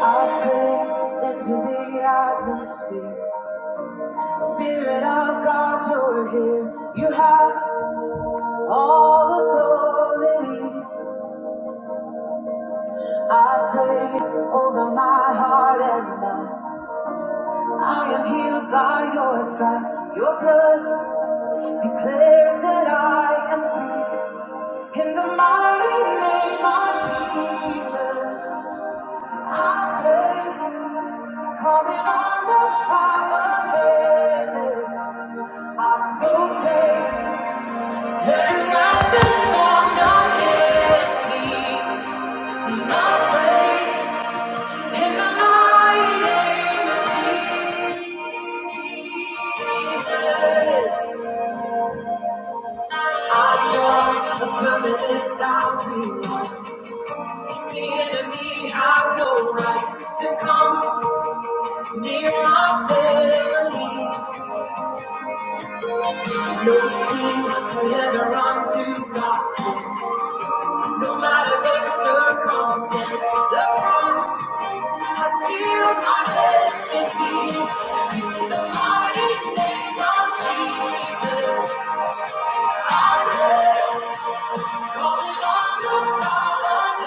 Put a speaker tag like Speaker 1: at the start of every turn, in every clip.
Speaker 1: I pray into the atmosphere. Spirit of God, you're here. You have all authority. I pray over my heart and mind. I am healed by your stripes. Your blood declares that I am free. In the mighty name of Jesus, I pray, calling on the power of heaven. the permanent boundary. The enemy has No right to come near my family. No scheme could ever undo God. No matter the circumstance, the promise. I seal my destiny the mighty name of Jesus. Calling on the Father in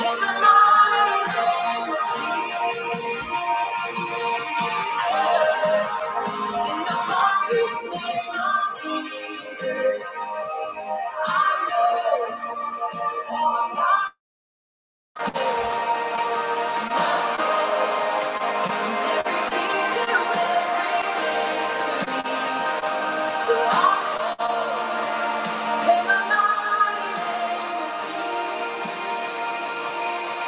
Speaker 1: the mighty name, mighty name of Jesus. Into every rock in the mighty name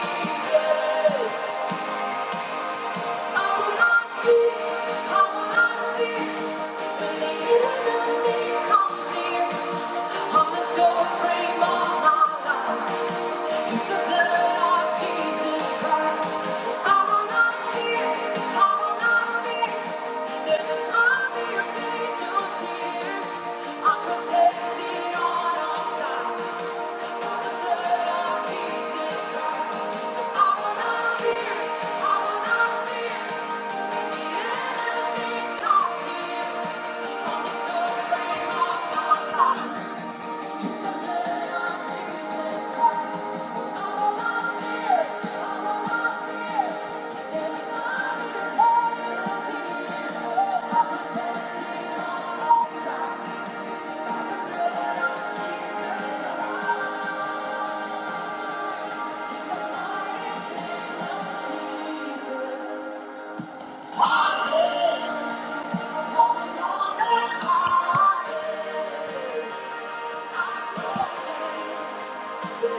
Speaker 1: of Jesus. I I will will not not fear, I will not fear, the end comes Yeah. Jesus. Jesus.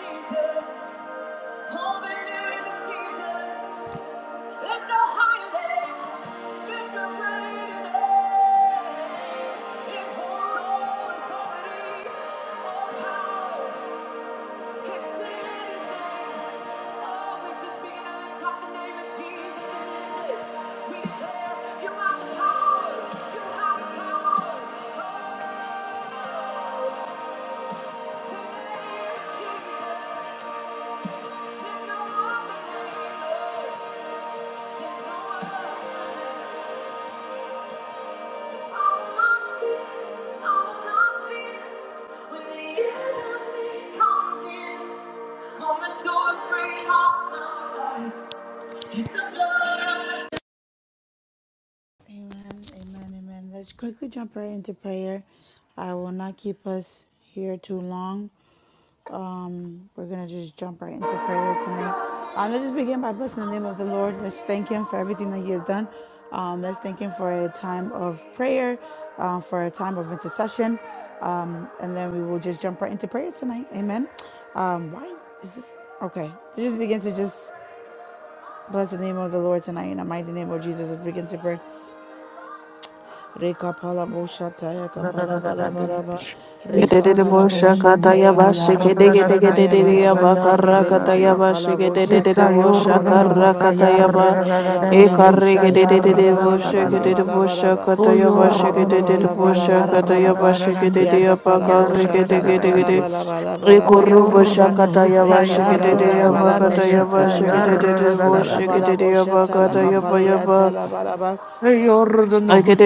Speaker 1: Jesus, hallelujah to Jesus. It's a higher name. It's a greater name. It holds all authority, all power. When the enemy comes in, on the door frame of my life the blood. Amen, amen, amen. Let's quickly jump right into prayer. I will not keep us here too long. Um, we're gonna just jump right into prayer tonight. I'm gonna just begin by blessing the name of the Lord. Let's thank Him for everything that He has done. Um, let's thank Him for a time of prayer, uh, for a time of intercession, um, and then we will just jump right into prayer tonight. Amen. Um, why is this? Okay, just begin to just bless the name of the Lord tonight in the mighty name of Jesus. Let's begin to pray. Reka pala boshataya
Speaker 2: Oyor
Speaker 1: kapala bala
Speaker 3: Jesus, my
Speaker 1: bala ba.
Speaker 4: Yaba,
Speaker 3: name,
Speaker 1: Reka pala boshataya kapala
Speaker 3: Jesus,
Speaker 1: boshataya bala ba. Zeva kapala boshataya kapala bala ba. Leka pala bala
Speaker 3: we bless your
Speaker 1: boshatala bala
Speaker 3: holy
Speaker 1: bala
Speaker 3: name,
Speaker 1: bala
Speaker 3: oh,
Speaker 1: bala ba. Raba baba bala bala bala ba la ba
Speaker 3: we thank
Speaker 1: Yaka
Speaker 3: you,
Speaker 1: pala
Speaker 3: we thank
Speaker 1: boshatala
Speaker 3: you, we
Speaker 1: bala
Speaker 3: thank you,
Speaker 1: bala bala bala bala bala ba. Reka
Speaker 3: we thank
Speaker 1: pala
Speaker 3: you,
Speaker 1: bala
Speaker 3: Jesus,
Speaker 1: bala
Speaker 3: thank you,
Speaker 1: boshatala bala
Speaker 3: Jesus,
Speaker 1: ba.
Speaker 3: thank you,
Speaker 1: Meka
Speaker 3: Jesus,
Speaker 1: pala boshatala kapala yantala bala ba.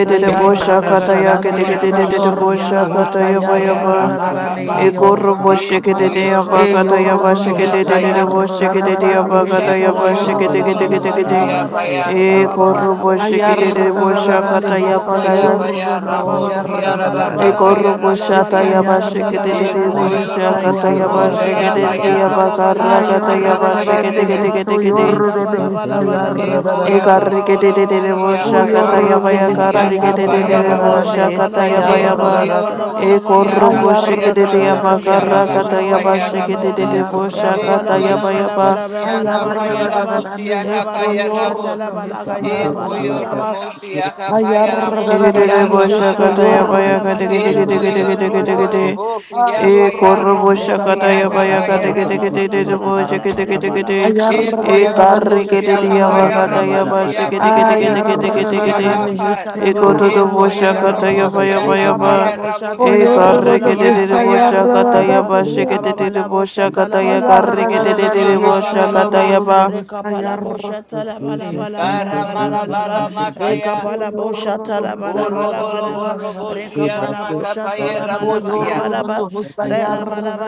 Speaker 1: Lika
Speaker 5: Eko yo
Speaker 1: palabo
Speaker 5: robo lobo kia
Speaker 1: shatala bala
Speaker 5: paya
Speaker 1: bala bala bala bala bo shatala
Speaker 3: Thank
Speaker 1: bala
Speaker 3: you,
Speaker 1: bala ba
Speaker 3: mighty God.
Speaker 4: Ikoro
Speaker 3: Thank
Speaker 1: Raba
Speaker 3: you,
Speaker 4: boshekete de
Speaker 1: kapala
Speaker 3: mighty
Speaker 4: de
Speaker 3: God.
Speaker 1: bo
Speaker 2: E
Speaker 4: abakata
Speaker 1: shatala
Speaker 2: yoro
Speaker 1: bala
Speaker 2: no no
Speaker 1: bala
Speaker 3: Thank
Speaker 4: yabashekete
Speaker 3: you,
Speaker 1: bala
Speaker 4: de de de
Speaker 1: ba
Speaker 2: husayar
Speaker 3: thank you,
Speaker 4: boshekete
Speaker 1: Raka
Speaker 4: de de
Speaker 1: bo
Speaker 2: rarararane.
Speaker 4: abakata
Speaker 3: God.
Speaker 2: Eso
Speaker 1: shatala
Speaker 3: You
Speaker 1: bala
Speaker 3: are
Speaker 2: yoro no
Speaker 4: yabashekete
Speaker 3: worthy
Speaker 1: bala
Speaker 2: no
Speaker 4: de
Speaker 3: that
Speaker 4: de
Speaker 1: bala
Speaker 3: you
Speaker 4: de
Speaker 3: are
Speaker 4: de
Speaker 1: bala
Speaker 3: so
Speaker 4: de.
Speaker 2: husayar
Speaker 1: bala ba
Speaker 3: mindful of, oh
Speaker 2: rarararane.
Speaker 1: Raba
Speaker 3: God.
Speaker 4: Ikoro
Speaker 1: bala bo
Speaker 2: Ayar
Speaker 4: boshekete de
Speaker 1: shatala
Speaker 4: de
Speaker 1: kapala
Speaker 2: rarararane.
Speaker 1: bala
Speaker 4: boshakata
Speaker 1: bala
Speaker 2: Eso
Speaker 1: bala
Speaker 3: We
Speaker 4: yabakata.
Speaker 1: ba
Speaker 3: thank
Speaker 2: yoro
Speaker 3: you,
Speaker 1: Raba
Speaker 2: no
Speaker 1: baba
Speaker 2: yar
Speaker 3: Jesus. We
Speaker 5: raboshia
Speaker 1: bala bala
Speaker 3: thank you,
Speaker 1: bala
Speaker 2: rarararane.
Speaker 4: Ikoro
Speaker 5: kapaya
Speaker 1: bala bala
Speaker 4: boshata
Speaker 1: bala bo
Speaker 3: Jesus.
Speaker 2: Yesayar
Speaker 1: shata
Speaker 4: yabashekete
Speaker 1: la
Speaker 4: de de
Speaker 1: bala
Speaker 4: de
Speaker 2: rarararane.
Speaker 1: bala
Speaker 3: Father,
Speaker 1: bala
Speaker 3: we
Speaker 1: bala
Speaker 3: thank
Speaker 4: boshakata
Speaker 2: Yesayar
Speaker 3: you, O
Speaker 1: Raba bala
Speaker 3: Lord. We
Speaker 1: bala
Speaker 4: yabashekete de
Speaker 2: rarararane.
Speaker 3: thank
Speaker 1: bala
Speaker 4: de
Speaker 3: you, O Lord.
Speaker 1: bala
Speaker 3: We
Speaker 1: bala
Speaker 4: abakara
Speaker 1: bala
Speaker 4: kata
Speaker 2: Ayar
Speaker 3: Thank you, O
Speaker 1: bala bala
Speaker 3: Lord.
Speaker 1: bala
Speaker 2: rarararane.
Speaker 4: yabashekete
Speaker 1: bala
Speaker 4: de
Speaker 1: ba.
Speaker 4: de
Speaker 2: Eso
Speaker 4: de de.
Speaker 2: yoro
Speaker 3: Mandi
Speaker 1: Leka
Speaker 2: no no
Speaker 1: bala bala
Speaker 3: kiri
Speaker 1: bala
Speaker 2: husayar
Speaker 3: and
Speaker 1: bala
Speaker 3: dos
Speaker 1: bala
Speaker 2: rarararane.
Speaker 1: bala bala
Speaker 3: katala
Speaker 4: Ekarike
Speaker 1: bala
Speaker 4: de de de de
Speaker 1: bala bala
Speaker 2: O
Speaker 3: mandi
Speaker 1: bala bala
Speaker 4: boshakata
Speaker 2: yoro
Speaker 3: ya
Speaker 2: no no
Speaker 5: rabo
Speaker 1: bala
Speaker 4: yabaya
Speaker 1: bala
Speaker 3: kashandi
Speaker 5: shia
Speaker 1: ba.
Speaker 3: kiri
Speaker 2: husayar
Speaker 5: ka
Speaker 3: de
Speaker 1: Raba
Speaker 5: paya
Speaker 4: karrikedede
Speaker 3: de
Speaker 1: bala
Speaker 5: ramo.
Speaker 3: de de
Speaker 2: rarararane.
Speaker 1: bala
Speaker 4: boshakata
Speaker 1: bala
Speaker 3: de
Speaker 2: Yesayar
Speaker 1: bala
Speaker 3: de
Speaker 1: bala
Speaker 4: yabayaba.
Speaker 5: Eko
Speaker 1: bala
Speaker 5: yo
Speaker 2: rarararane.
Speaker 5: robo
Speaker 3: katala
Speaker 1: bala bala bala
Speaker 5: siya
Speaker 1: ba.
Speaker 4: Ekorro
Speaker 2: Ayar
Speaker 5: kapa ya
Speaker 1: Leka
Speaker 4: boshikedede
Speaker 3: mandi
Speaker 5: rabo
Speaker 3: ya
Speaker 1: bala bo
Speaker 5: siya
Speaker 2: rarararane.
Speaker 1: shata la
Speaker 5: baba
Speaker 2: Eso
Speaker 4: yabakarrakata
Speaker 3: kashandos
Speaker 1: bala
Speaker 5: kapa
Speaker 1: bala
Speaker 5: ya
Speaker 2: yoro
Speaker 1: bala
Speaker 2: no
Speaker 5: rabo.
Speaker 1: bala ba.
Speaker 4: yabashikedede
Speaker 2: husayar
Speaker 3: mandi ya
Speaker 1: Ya ba
Speaker 4: boshakata
Speaker 1: bala
Speaker 5: Eko
Speaker 3: kashandi
Speaker 2: rarararane.
Speaker 1: bala
Speaker 5: yo
Speaker 3: kiri
Speaker 1: bala
Speaker 4: yabayaba.
Speaker 3: de
Speaker 5: robo
Speaker 3: de
Speaker 1: bala bala
Speaker 5: siya
Speaker 3: de
Speaker 1: bala
Speaker 2: Ayar,
Speaker 3: de
Speaker 1: bala
Speaker 5: kapa ya
Speaker 2: Oh,
Speaker 1: bala ba.
Speaker 3: de de.
Speaker 5: rabo siya
Speaker 1: Ya
Speaker 5: kapa
Speaker 1: bala
Speaker 5: ya
Speaker 1: bo shata
Speaker 5: rabo.
Speaker 1: la bala
Speaker 3: Thank
Speaker 1: bala
Speaker 3: you,
Speaker 5: Eko
Speaker 1: bala
Speaker 5: yo
Speaker 1: bala
Speaker 3: Jesus.
Speaker 1: ba.
Speaker 5: romo
Speaker 3: Thank you,
Speaker 5: siya kapa
Speaker 3: Jesus.
Speaker 5: ya
Speaker 3: Thank
Speaker 5: ramo
Speaker 3: you,
Speaker 1: Leka
Speaker 3: Jesus.
Speaker 4: Egedede
Speaker 1: pala
Speaker 5: siya rama
Speaker 1: boşata la
Speaker 4: boshakata
Speaker 1: bala
Speaker 5: kapa.
Speaker 3: Father,
Speaker 4: yabaya
Speaker 3: we
Speaker 1: bala bala
Speaker 3: bless you,
Speaker 1: bala
Speaker 3: we
Speaker 5: Eko
Speaker 1: bala
Speaker 3: bless
Speaker 5: yo
Speaker 1: bala
Speaker 3: you, we
Speaker 5: robo
Speaker 1: bala
Speaker 3: bless
Speaker 1: bala.
Speaker 4: kategedegedegedegedegede.
Speaker 3: you, we bless you,
Speaker 5: robo siya
Speaker 3: O
Speaker 5: pa ya
Speaker 4: Ekorro
Speaker 3: God.
Speaker 5: ramo
Speaker 1: Leka
Speaker 4: boshakata
Speaker 1: pala
Speaker 5: siya
Speaker 4: yabaya
Speaker 3: Father,
Speaker 5: kapa
Speaker 1: boşata
Speaker 5: ya
Speaker 3: we
Speaker 1: la
Speaker 3: thank
Speaker 1: bala
Speaker 5: ramo.
Speaker 3: you for
Speaker 1: bala
Speaker 4: kategedegedegede
Speaker 3: your
Speaker 1: bala
Speaker 3: love.
Speaker 1: bala bala
Speaker 3: Father, we thank
Speaker 1: bala
Speaker 4: boshikedegedegede.
Speaker 1: bala.
Speaker 3: you
Speaker 5: E
Speaker 3: for
Speaker 1: Leka
Speaker 5: koyo
Speaker 3: your
Speaker 1: pala
Speaker 5: roboshi
Speaker 1: boşata
Speaker 4: Ekarrikedede
Speaker 1: la bala
Speaker 5: akapaya
Speaker 4: yabakata
Speaker 1: bala
Speaker 3: covering, mighty
Speaker 1: bala
Speaker 5: raboshi
Speaker 1: bala bala
Speaker 3: God. We
Speaker 1: bala.
Speaker 5: akapaya
Speaker 3: thank you,
Speaker 1: Leka
Speaker 5: raboshi
Speaker 3: mighty
Speaker 4: yabashikedegedegedegedegede.
Speaker 1: pala
Speaker 3: God.
Speaker 5: akapaya.
Speaker 1: boşata la
Speaker 3: We
Speaker 1: bala
Speaker 3: thank
Speaker 5: E
Speaker 4: Ikododo
Speaker 1: bala
Speaker 3: you,
Speaker 1: bala
Speaker 5: koyo
Speaker 1: bala
Speaker 4: boshakata
Speaker 1: bala.
Speaker 3: God.
Speaker 4: yaba
Speaker 3: We
Speaker 5: romoshi
Speaker 4: yaba
Speaker 3: thank you,
Speaker 1: Leka pala
Speaker 4: yaba.
Speaker 3: mighty
Speaker 5: akapaya
Speaker 3: God. We
Speaker 1: boşata
Speaker 5: raboshi
Speaker 1: la
Speaker 3: thank
Speaker 2: yo
Speaker 3: you,
Speaker 1: bala
Speaker 3: mighty
Speaker 2: no
Speaker 1: bala
Speaker 5: alaboki
Speaker 3: God.
Speaker 1: bala
Speaker 4: Ikarigedede
Speaker 2: es
Speaker 1: bala
Speaker 5: apaya.
Speaker 1: bala
Speaker 4: boshakata
Speaker 1: bala bala.
Speaker 4: yaba
Speaker 3: Mentally and
Speaker 1: Aba
Speaker 3: we
Speaker 4: shigedede
Speaker 1: bala
Speaker 3: thank you,
Speaker 1: boşata
Speaker 4: boshakata
Speaker 2: Oh,
Speaker 1: la bala baka
Speaker 3: Jesus.
Speaker 1: pala
Speaker 5: O
Speaker 4: yakarigedede
Speaker 3: We thank
Speaker 1: boşata
Speaker 5: ramaba
Speaker 1: la bala
Speaker 5: baba
Speaker 4: boshakata
Speaker 1: bala.
Speaker 5: ba
Speaker 4: yaba.
Speaker 1: Rekapala boshata
Speaker 3: you,
Speaker 1: la ba la ba
Speaker 3: Jesus.
Speaker 1: la ba
Speaker 3: Thank
Speaker 1: la
Speaker 3: you,
Speaker 1: ba la
Speaker 5: karamala
Speaker 1: ba la
Speaker 3: Jesus.
Speaker 1: ba.
Speaker 5: bala
Speaker 3: Thank you, Jesus.
Speaker 5: makaya.
Speaker 3: Thank
Speaker 1: Rekapala
Speaker 3: you, Jesus. We
Speaker 1: boshata la
Speaker 3: bless
Speaker 1: ba
Speaker 3: you.
Speaker 1: la
Speaker 5: O
Speaker 3: We
Speaker 1: ba la
Speaker 3: bless
Speaker 1: ba
Speaker 5: robolo
Speaker 1: la
Speaker 3: you.
Speaker 1: ba.
Speaker 5: boroboshi
Speaker 3: We bless you. We bless
Speaker 1: Rekapala
Speaker 3: you,
Speaker 1: boshata
Speaker 5: alamakapaya
Speaker 3: Lord.
Speaker 1: la ba
Speaker 3: We
Speaker 1: la ba
Speaker 3: thank
Speaker 1: la
Speaker 3: you
Speaker 5: ramosia.
Speaker 1: ba la
Speaker 3: for
Speaker 1: ba.
Speaker 3: your goodness.
Speaker 1: Re la ba la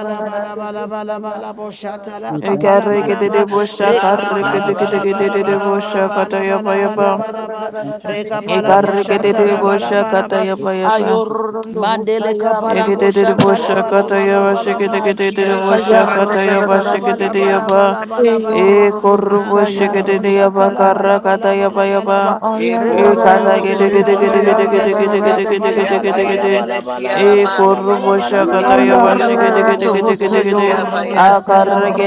Speaker 1: boshata la
Speaker 3: We thank,
Speaker 1: kapala
Speaker 3: we
Speaker 1: ba
Speaker 3: thank
Speaker 1: la
Speaker 3: you,
Speaker 4: Ikarigedede
Speaker 1: ba. Rekapala
Speaker 5: Karamala
Speaker 3: mighty
Speaker 5: bala
Speaker 1: boshata
Speaker 5: bala
Speaker 1: la
Speaker 3: God.
Speaker 4: boshakarigedede
Speaker 1: ba
Speaker 5: bala
Speaker 1: la ba
Speaker 5: bala
Speaker 1: la ba
Speaker 5: ba.
Speaker 4: boshakata
Speaker 1: la ba
Speaker 4: yaba
Speaker 1: la ba
Speaker 3: you,
Speaker 4: yaba.
Speaker 1: la ba la ba. Rekapala boshata
Speaker 4: Ikarigedede
Speaker 1: la ba la ba
Speaker 4: boshakata yaba yaba.
Speaker 2: Ayorando
Speaker 1: Mandele
Speaker 2: Husayar.
Speaker 1: kapala
Speaker 4: Igedede
Speaker 1: bosha
Speaker 5: O
Speaker 1: talaba
Speaker 4: boshakata
Speaker 1: laba
Speaker 5: robolo
Speaker 4: yaba
Speaker 1: laba laba.
Speaker 2: Ah,
Speaker 4: shigedede
Speaker 5: boromoshi
Speaker 2: Jesus.
Speaker 1: Rekapala
Speaker 2: Ayar.
Speaker 4: boshakata
Speaker 1: bosha
Speaker 5: alabakapaya
Speaker 4: yaba
Speaker 1: talaba
Speaker 4: shigedede
Speaker 1: laba
Speaker 5: ramosia.
Speaker 1: laba
Speaker 4: yaba.
Speaker 1: laba laba laba.
Speaker 2: Ayorando
Speaker 4: Ikorbo
Speaker 2: Husayar.
Speaker 1: Rakapala
Speaker 4: shigedede
Speaker 1: bosha
Speaker 4: yaba
Speaker 1: talaba laba
Speaker 4: karakata
Speaker 1: laba
Speaker 4: yaba
Speaker 1: laba
Speaker 4: yaba.
Speaker 1: laba.
Speaker 5: E poro
Speaker 1: Rekapala
Speaker 5: bolo
Speaker 2: Ayarararane,
Speaker 1: bosha
Speaker 5: bolo bolo
Speaker 1: talaba
Speaker 5: bolo
Speaker 1: laba la.
Speaker 5: bolo bolo
Speaker 1: Lekapala
Speaker 2: Hesayarararane.
Speaker 5: bukia
Speaker 1: laba laba
Speaker 5: paya re
Speaker 1: laba
Speaker 5: re
Speaker 1: laba laba
Speaker 5: shiarama.
Speaker 1: laba laba laba laba
Speaker 5: E
Speaker 1: laba laba
Speaker 5: koyo
Speaker 1: laba
Speaker 5: ro
Speaker 2: Ayarararane,
Speaker 1: laba.
Speaker 5: bolo bukia
Speaker 2: Husayorando
Speaker 1: Rekapalabo
Speaker 5: paya.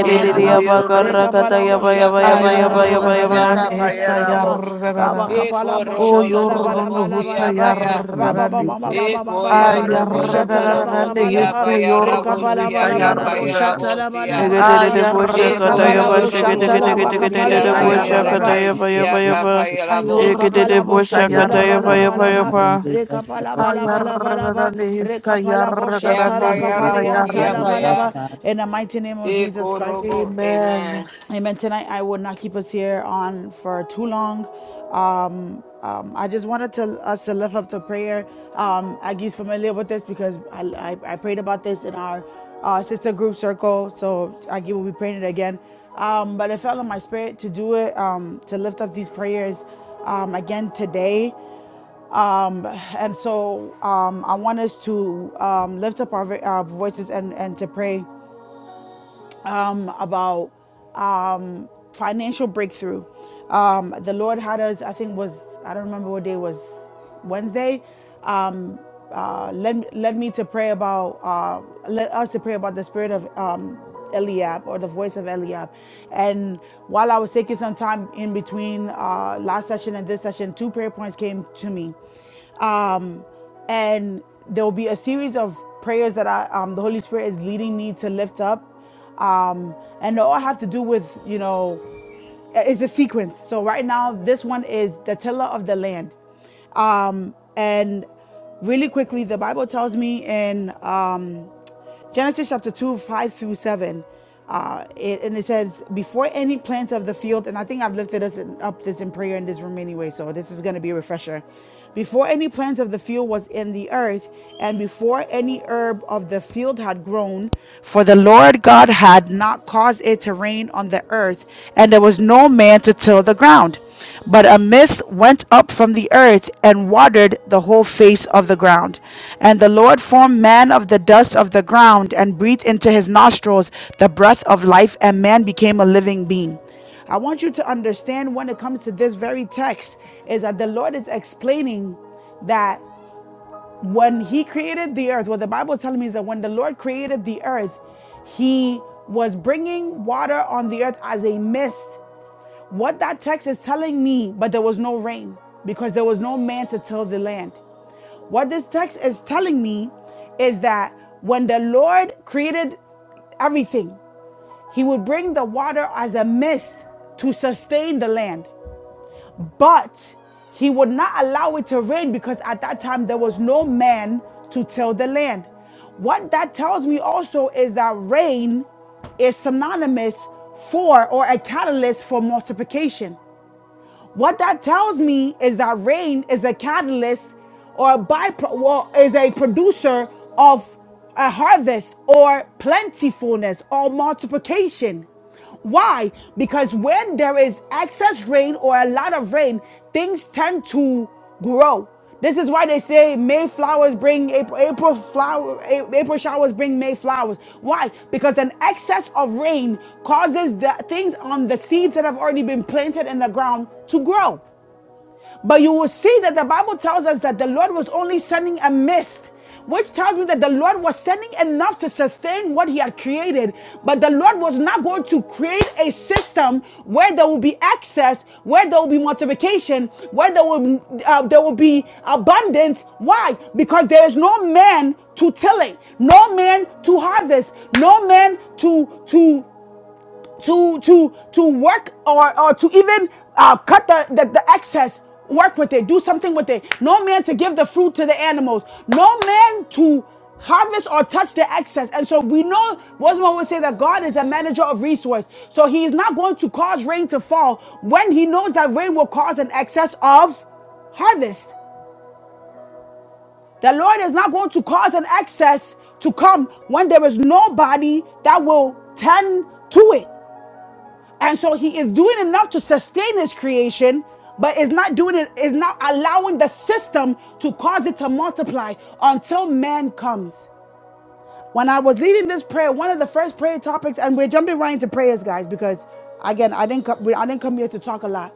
Speaker 5: E koyo ro bolo
Speaker 1: rekapalabo
Speaker 5: bukia paya rabo
Speaker 2: Ayarararane,
Speaker 5: shiaka paya
Speaker 1: shatalabalabalabalabalabalabalaba,
Speaker 5: rabo.
Speaker 2: Hesayarararane.
Speaker 5: E
Speaker 1: rabakapalabo
Speaker 5: koro bolo bolo
Speaker 2: Oyorando
Speaker 5: bukia
Speaker 1: shatalabalabalaba,
Speaker 5: paya.
Speaker 2: Husayararane.
Speaker 5: E koyo ro
Speaker 1: rababababababababo
Speaker 5: bolo bolo
Speaker 2: Ayarararane,
Speaker 5: bukia
Speaker 1: shatalabalabalaba,
Speaker 5: paya rabo
Speaker 2: Hesayorando
Speaker 5: shiaka
Speaker 1: rekapalabalabo
Speaker 5: paya
Speaker 2: Husayararane.
Speaker 5: rabo shia.
Speaker 1: shatalabalabalaba,
Speaker 2: Ayar
Speaker 5: E
Speaker 1: rekavalabo
Speaker 5: koyo ro bolo bukia paya
Speaker 1: shatalabakapaleadabalaba,
Speaker 5: remeshia paya rabo.
Speaker 2: Ayorunu
Speaker 1: Lekapala
Speaker 4: boşa
Speaker 1: boshata la
Speaker 4: kataya
Speaker 1: bala
Speaker 4: baya
Speaker 1: bala
Speaker 4: baya
Speaker 1: ba
Speaker 4: baya.
Speaker 2: husayarrarararane.
Speaker 1: rekapala bala bala bala ba
Speaker 2: Ayarrararane
Speaker 1: rekapala
Speaker 5: Yeah,
Speaker 1: boshata
Speaker 2: hisayarrararane
Speaker 1: la
Speaker 5: Kayara
Speaker 1: kapala yanta
Speaker 5: Mokia
Speaker 1: la
Speaker 3: O
Speaker 1: bala
Speaker 3: God,
Speaker 5: Paya,
Speaker 2: hisayarrararane.
Speaker 1: ba in the mighty name of
Speaker 5: E
Speaker 1: Jesus Christ
Speaker 5: Kurubo,
Speaker 2: Amen.
Speaker 5: Amen.
Speaker 1: Amen. Tonight, I will not keep us here on for too long. Um, um, I just wanted to us to lift up the prayer. Um, Aggie's familiar with this because I, I, I prayed about this in our uh, sister group circle. So Aggie will be praying it again. Um, but it fell in my spirit to do it, um, to lift up these prayers um, again today. Um, and so um, I want us to um, lift up our, our voices and, and to pray um, about um, financial breakthrough. Um, the Lord had us, I think was, I don't remember what day it was, Wednesday, um, uh, led, led me to pray about, uh, led us to pray about the spirit of um, Eliab or the voice of Eliab. And while I was taking some time in between uh, last session and this session, two prayer points came to me. Um, and there will be a series of prayers that I, um, the Holy Spirit is leading me to lift up um, and all I have to do with you know is the sequence. So right now, this one is the tiller of the land, um, and really quickly, the Bible tells me in um, Genesis chapter two, five through seven. Uh, it, and it says, before any plant of the field, and I think I've lifted us up this in prayer in this room anyway, so this is going to be a refresher. Before any plant of the field was in the earth, and before any herb of the field had grown, for the Lord God had not caused it to rain on the earth, and there was no man to till the ground. But a mist went up from the earth and watered the whole face of the ground. And the Lord formed man of the dust of the ground and breathed into his nostrils the breath of life, and man became a living being. I want you to understand when it comes to this very text is that the Lord is explaining that when he created the earth, what the Bible is telling me is that when the Lord created the earth, he was bringing water on the earth as a mist. What that text is telling me, but there was no rain because there was no man to till the land. What this text is telling me is that when the Lord created everything, he would bring the water as a mist to sustain the land, but he would not allow it to rain because at that time there was no man to till the land. What that tells me also is that rain is synonymous for or a catalyst for multiplication. What that tells me is that rain is a catalyst or a bypro well, is a producer of a harvest or plentifulness or multiplication. Why? Because when there is excess rain or a lot of rain, things tend to grow. This is why they say May flowers bring April, April flower, A- April showers bring May flowers. Why? Because an excess of rain causes the things on the seeds that have already been planted in the ground to grow. But you will see that the Bible tells us that the Lord was only sending a mist, which tells me that the Lord was sending enough to sustain what He had created. But the Lord was not going to create a system where there will be excess, where there will be multiplication, where there will uh, there will be abundance. Why? Because there is no man to till it, no man to harvest, no man to to to to to work or or to even uh, cut the, the the excess work with it do something with it no man to give the fruit to the animals no man to harvest or touch the excess and so we know Bosman would say that god is a manager of resource so he is not going to cause rain to fall when he knows that rain will cause an excess of harvest the lord is not going to cause an excess to come when there is nobody that will tend to it and so he is doing enough to sustain his creation, but is not doing it, is not allowing the system to cause it to multiply until man comes. When I was leading this prayer, one of the first prayer topics, and we're jumping right into prayers, guys, because again, I didn't come, I didn't come here to talk a lot.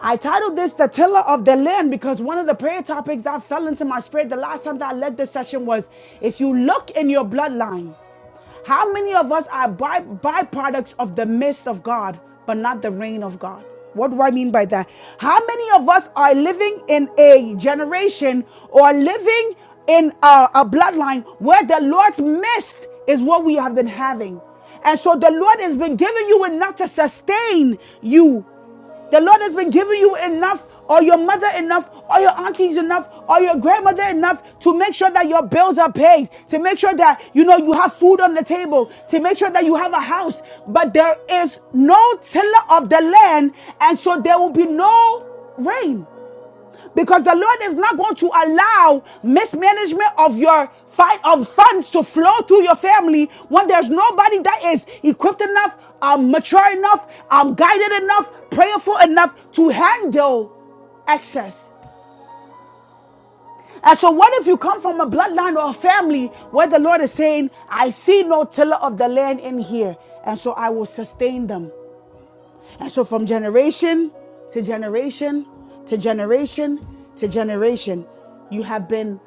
Speaker 1: I titled this The Tiller of the Land because one of the prayer topics that fell into my spirit the last time that I led this session was if you look in your bloodline, how many of us are by, byproducts of the mist of God, but not the rain of God? What do I mean by that? How many of us are living in a generation or living in a, a bloodline where the Lord's mist is what we have been having? And so the Lord has been giving you enough to sustain you the Lord has been giving you enough, or your mother enough, or your aunties enough, or your grandmother enough to make sure that your bills are paid, to make sure that you know you have food on the table, to make sure that you have a house. But there is no tiller of the land, and so there will be no rain. Because the Lord is not going to allow mismanagement of your fight of funds to flow through your family when there's nobody that is equipped enough, um, mature enough, um, guided enough, prayerful enough to handle excess. And so, what if you come from a bloodline or a family where the Lord is saying, I see no tiller of the land in here, and so I will sustain them? And so, from generation to generation to generation to generation, you have been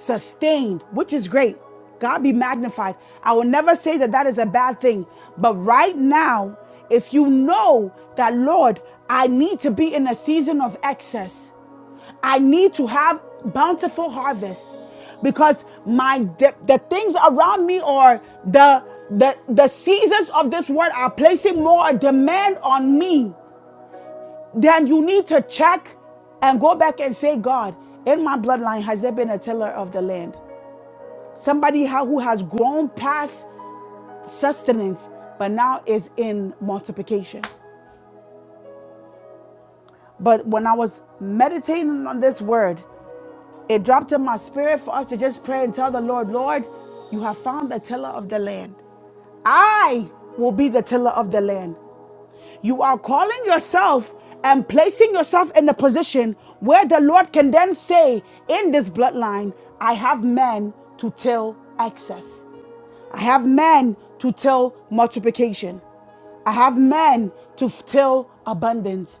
Speaker 1: sustained, which is great. God be magnified. I will never say that that is a bad thing. But right now, if you know that, Lord, I need to be in a season of excess, I need to have bountiful harvest because my the, the things around me or the the the seasons of this world are placing more demand on me then you need to check and go back and say god in my bloodline has there been a tiller of the land Somebody who has grown past sustenance, but now is in multiplication. But when I was meditating on this word, it dropped in my spirit for us to just pray and tell the Lord, Lord, you have found the tiller of the land. I will be the tiller of the land. You are calling yourself and placing yourself in a position where the Lord can then say, In this bloodline, I have men to till excess. I have men to tell multiplication. I have men to f- tell abundance.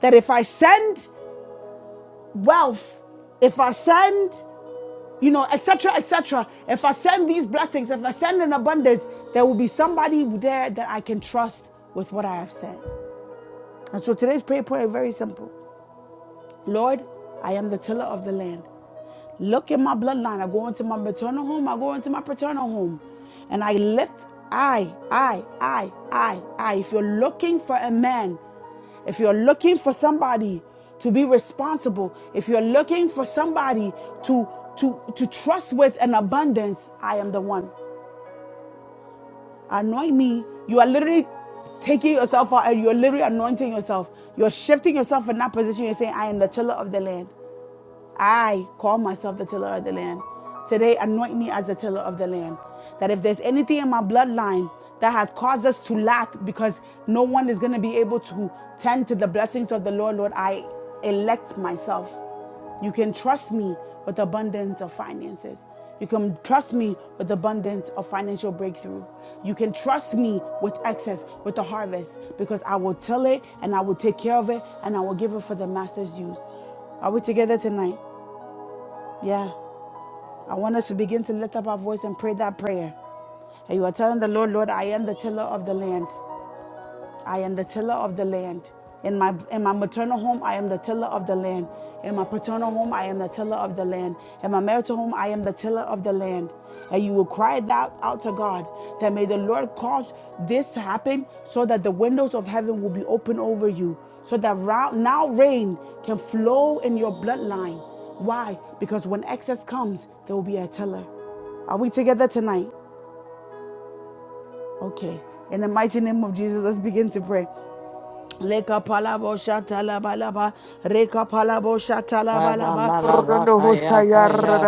Speaker 1: That if I send wealth, if I send, you know, etc., etc., if I send these blessings, if I send an abundance, there will be somebody there that I can trust with what I have said. And so today's prayer point is very simple. Lord, I am the tiller of the land. Look in my bloodline. I go into my maternal home. I go into my paternal home. And I lift I, I, I, I, I. If you're looking for a man, if you're looking for somebody to be responsible, if you're looking for somebody to to to trust with an abundance, I am the one. Anoint me. You are literally taking yourself out and you're literally anointing yourself. You're shifting yourself in that position. You're saying, I am the tiller of the land. I call myself the tiller of the land. Today, anoint me as the tiller of the land. That if there's anything in my bloodline that has caused us to lack because no one is going to be able to tend to the blessings of the Lord, Lord, I elect myself. You can trust me with abundance of finances. You can trust me with abundance of financial breakthrough. You can trust me with excess, with the harvest, because I will till it and I will take care of it and I will give it for the master's use. Are we together tonight? Yeah. I want us to begin to lift up our voice and pray that prayer. And you are telling the Lord, Lord, I am the tiller of the land. I am the tiller of the land. In my in my maternal home, I am the tiller of the land. In my paternal home, I am the tiller of the land. In my marital home, I am the tiller of the land. And you will cry that out to God that may the Lord cause this to happen so that the windows of heaven will be open over you, so that now rain can flow in your bloodline. Why? Because when excess comes, there will be a tiller. Are we together tonight? Okay. In the mighty name of Jesus, let's begin to pray. Leka palabo shata la balaba, reka palabo shata la balaba,
Speaker 5: Ramalavakaya Paya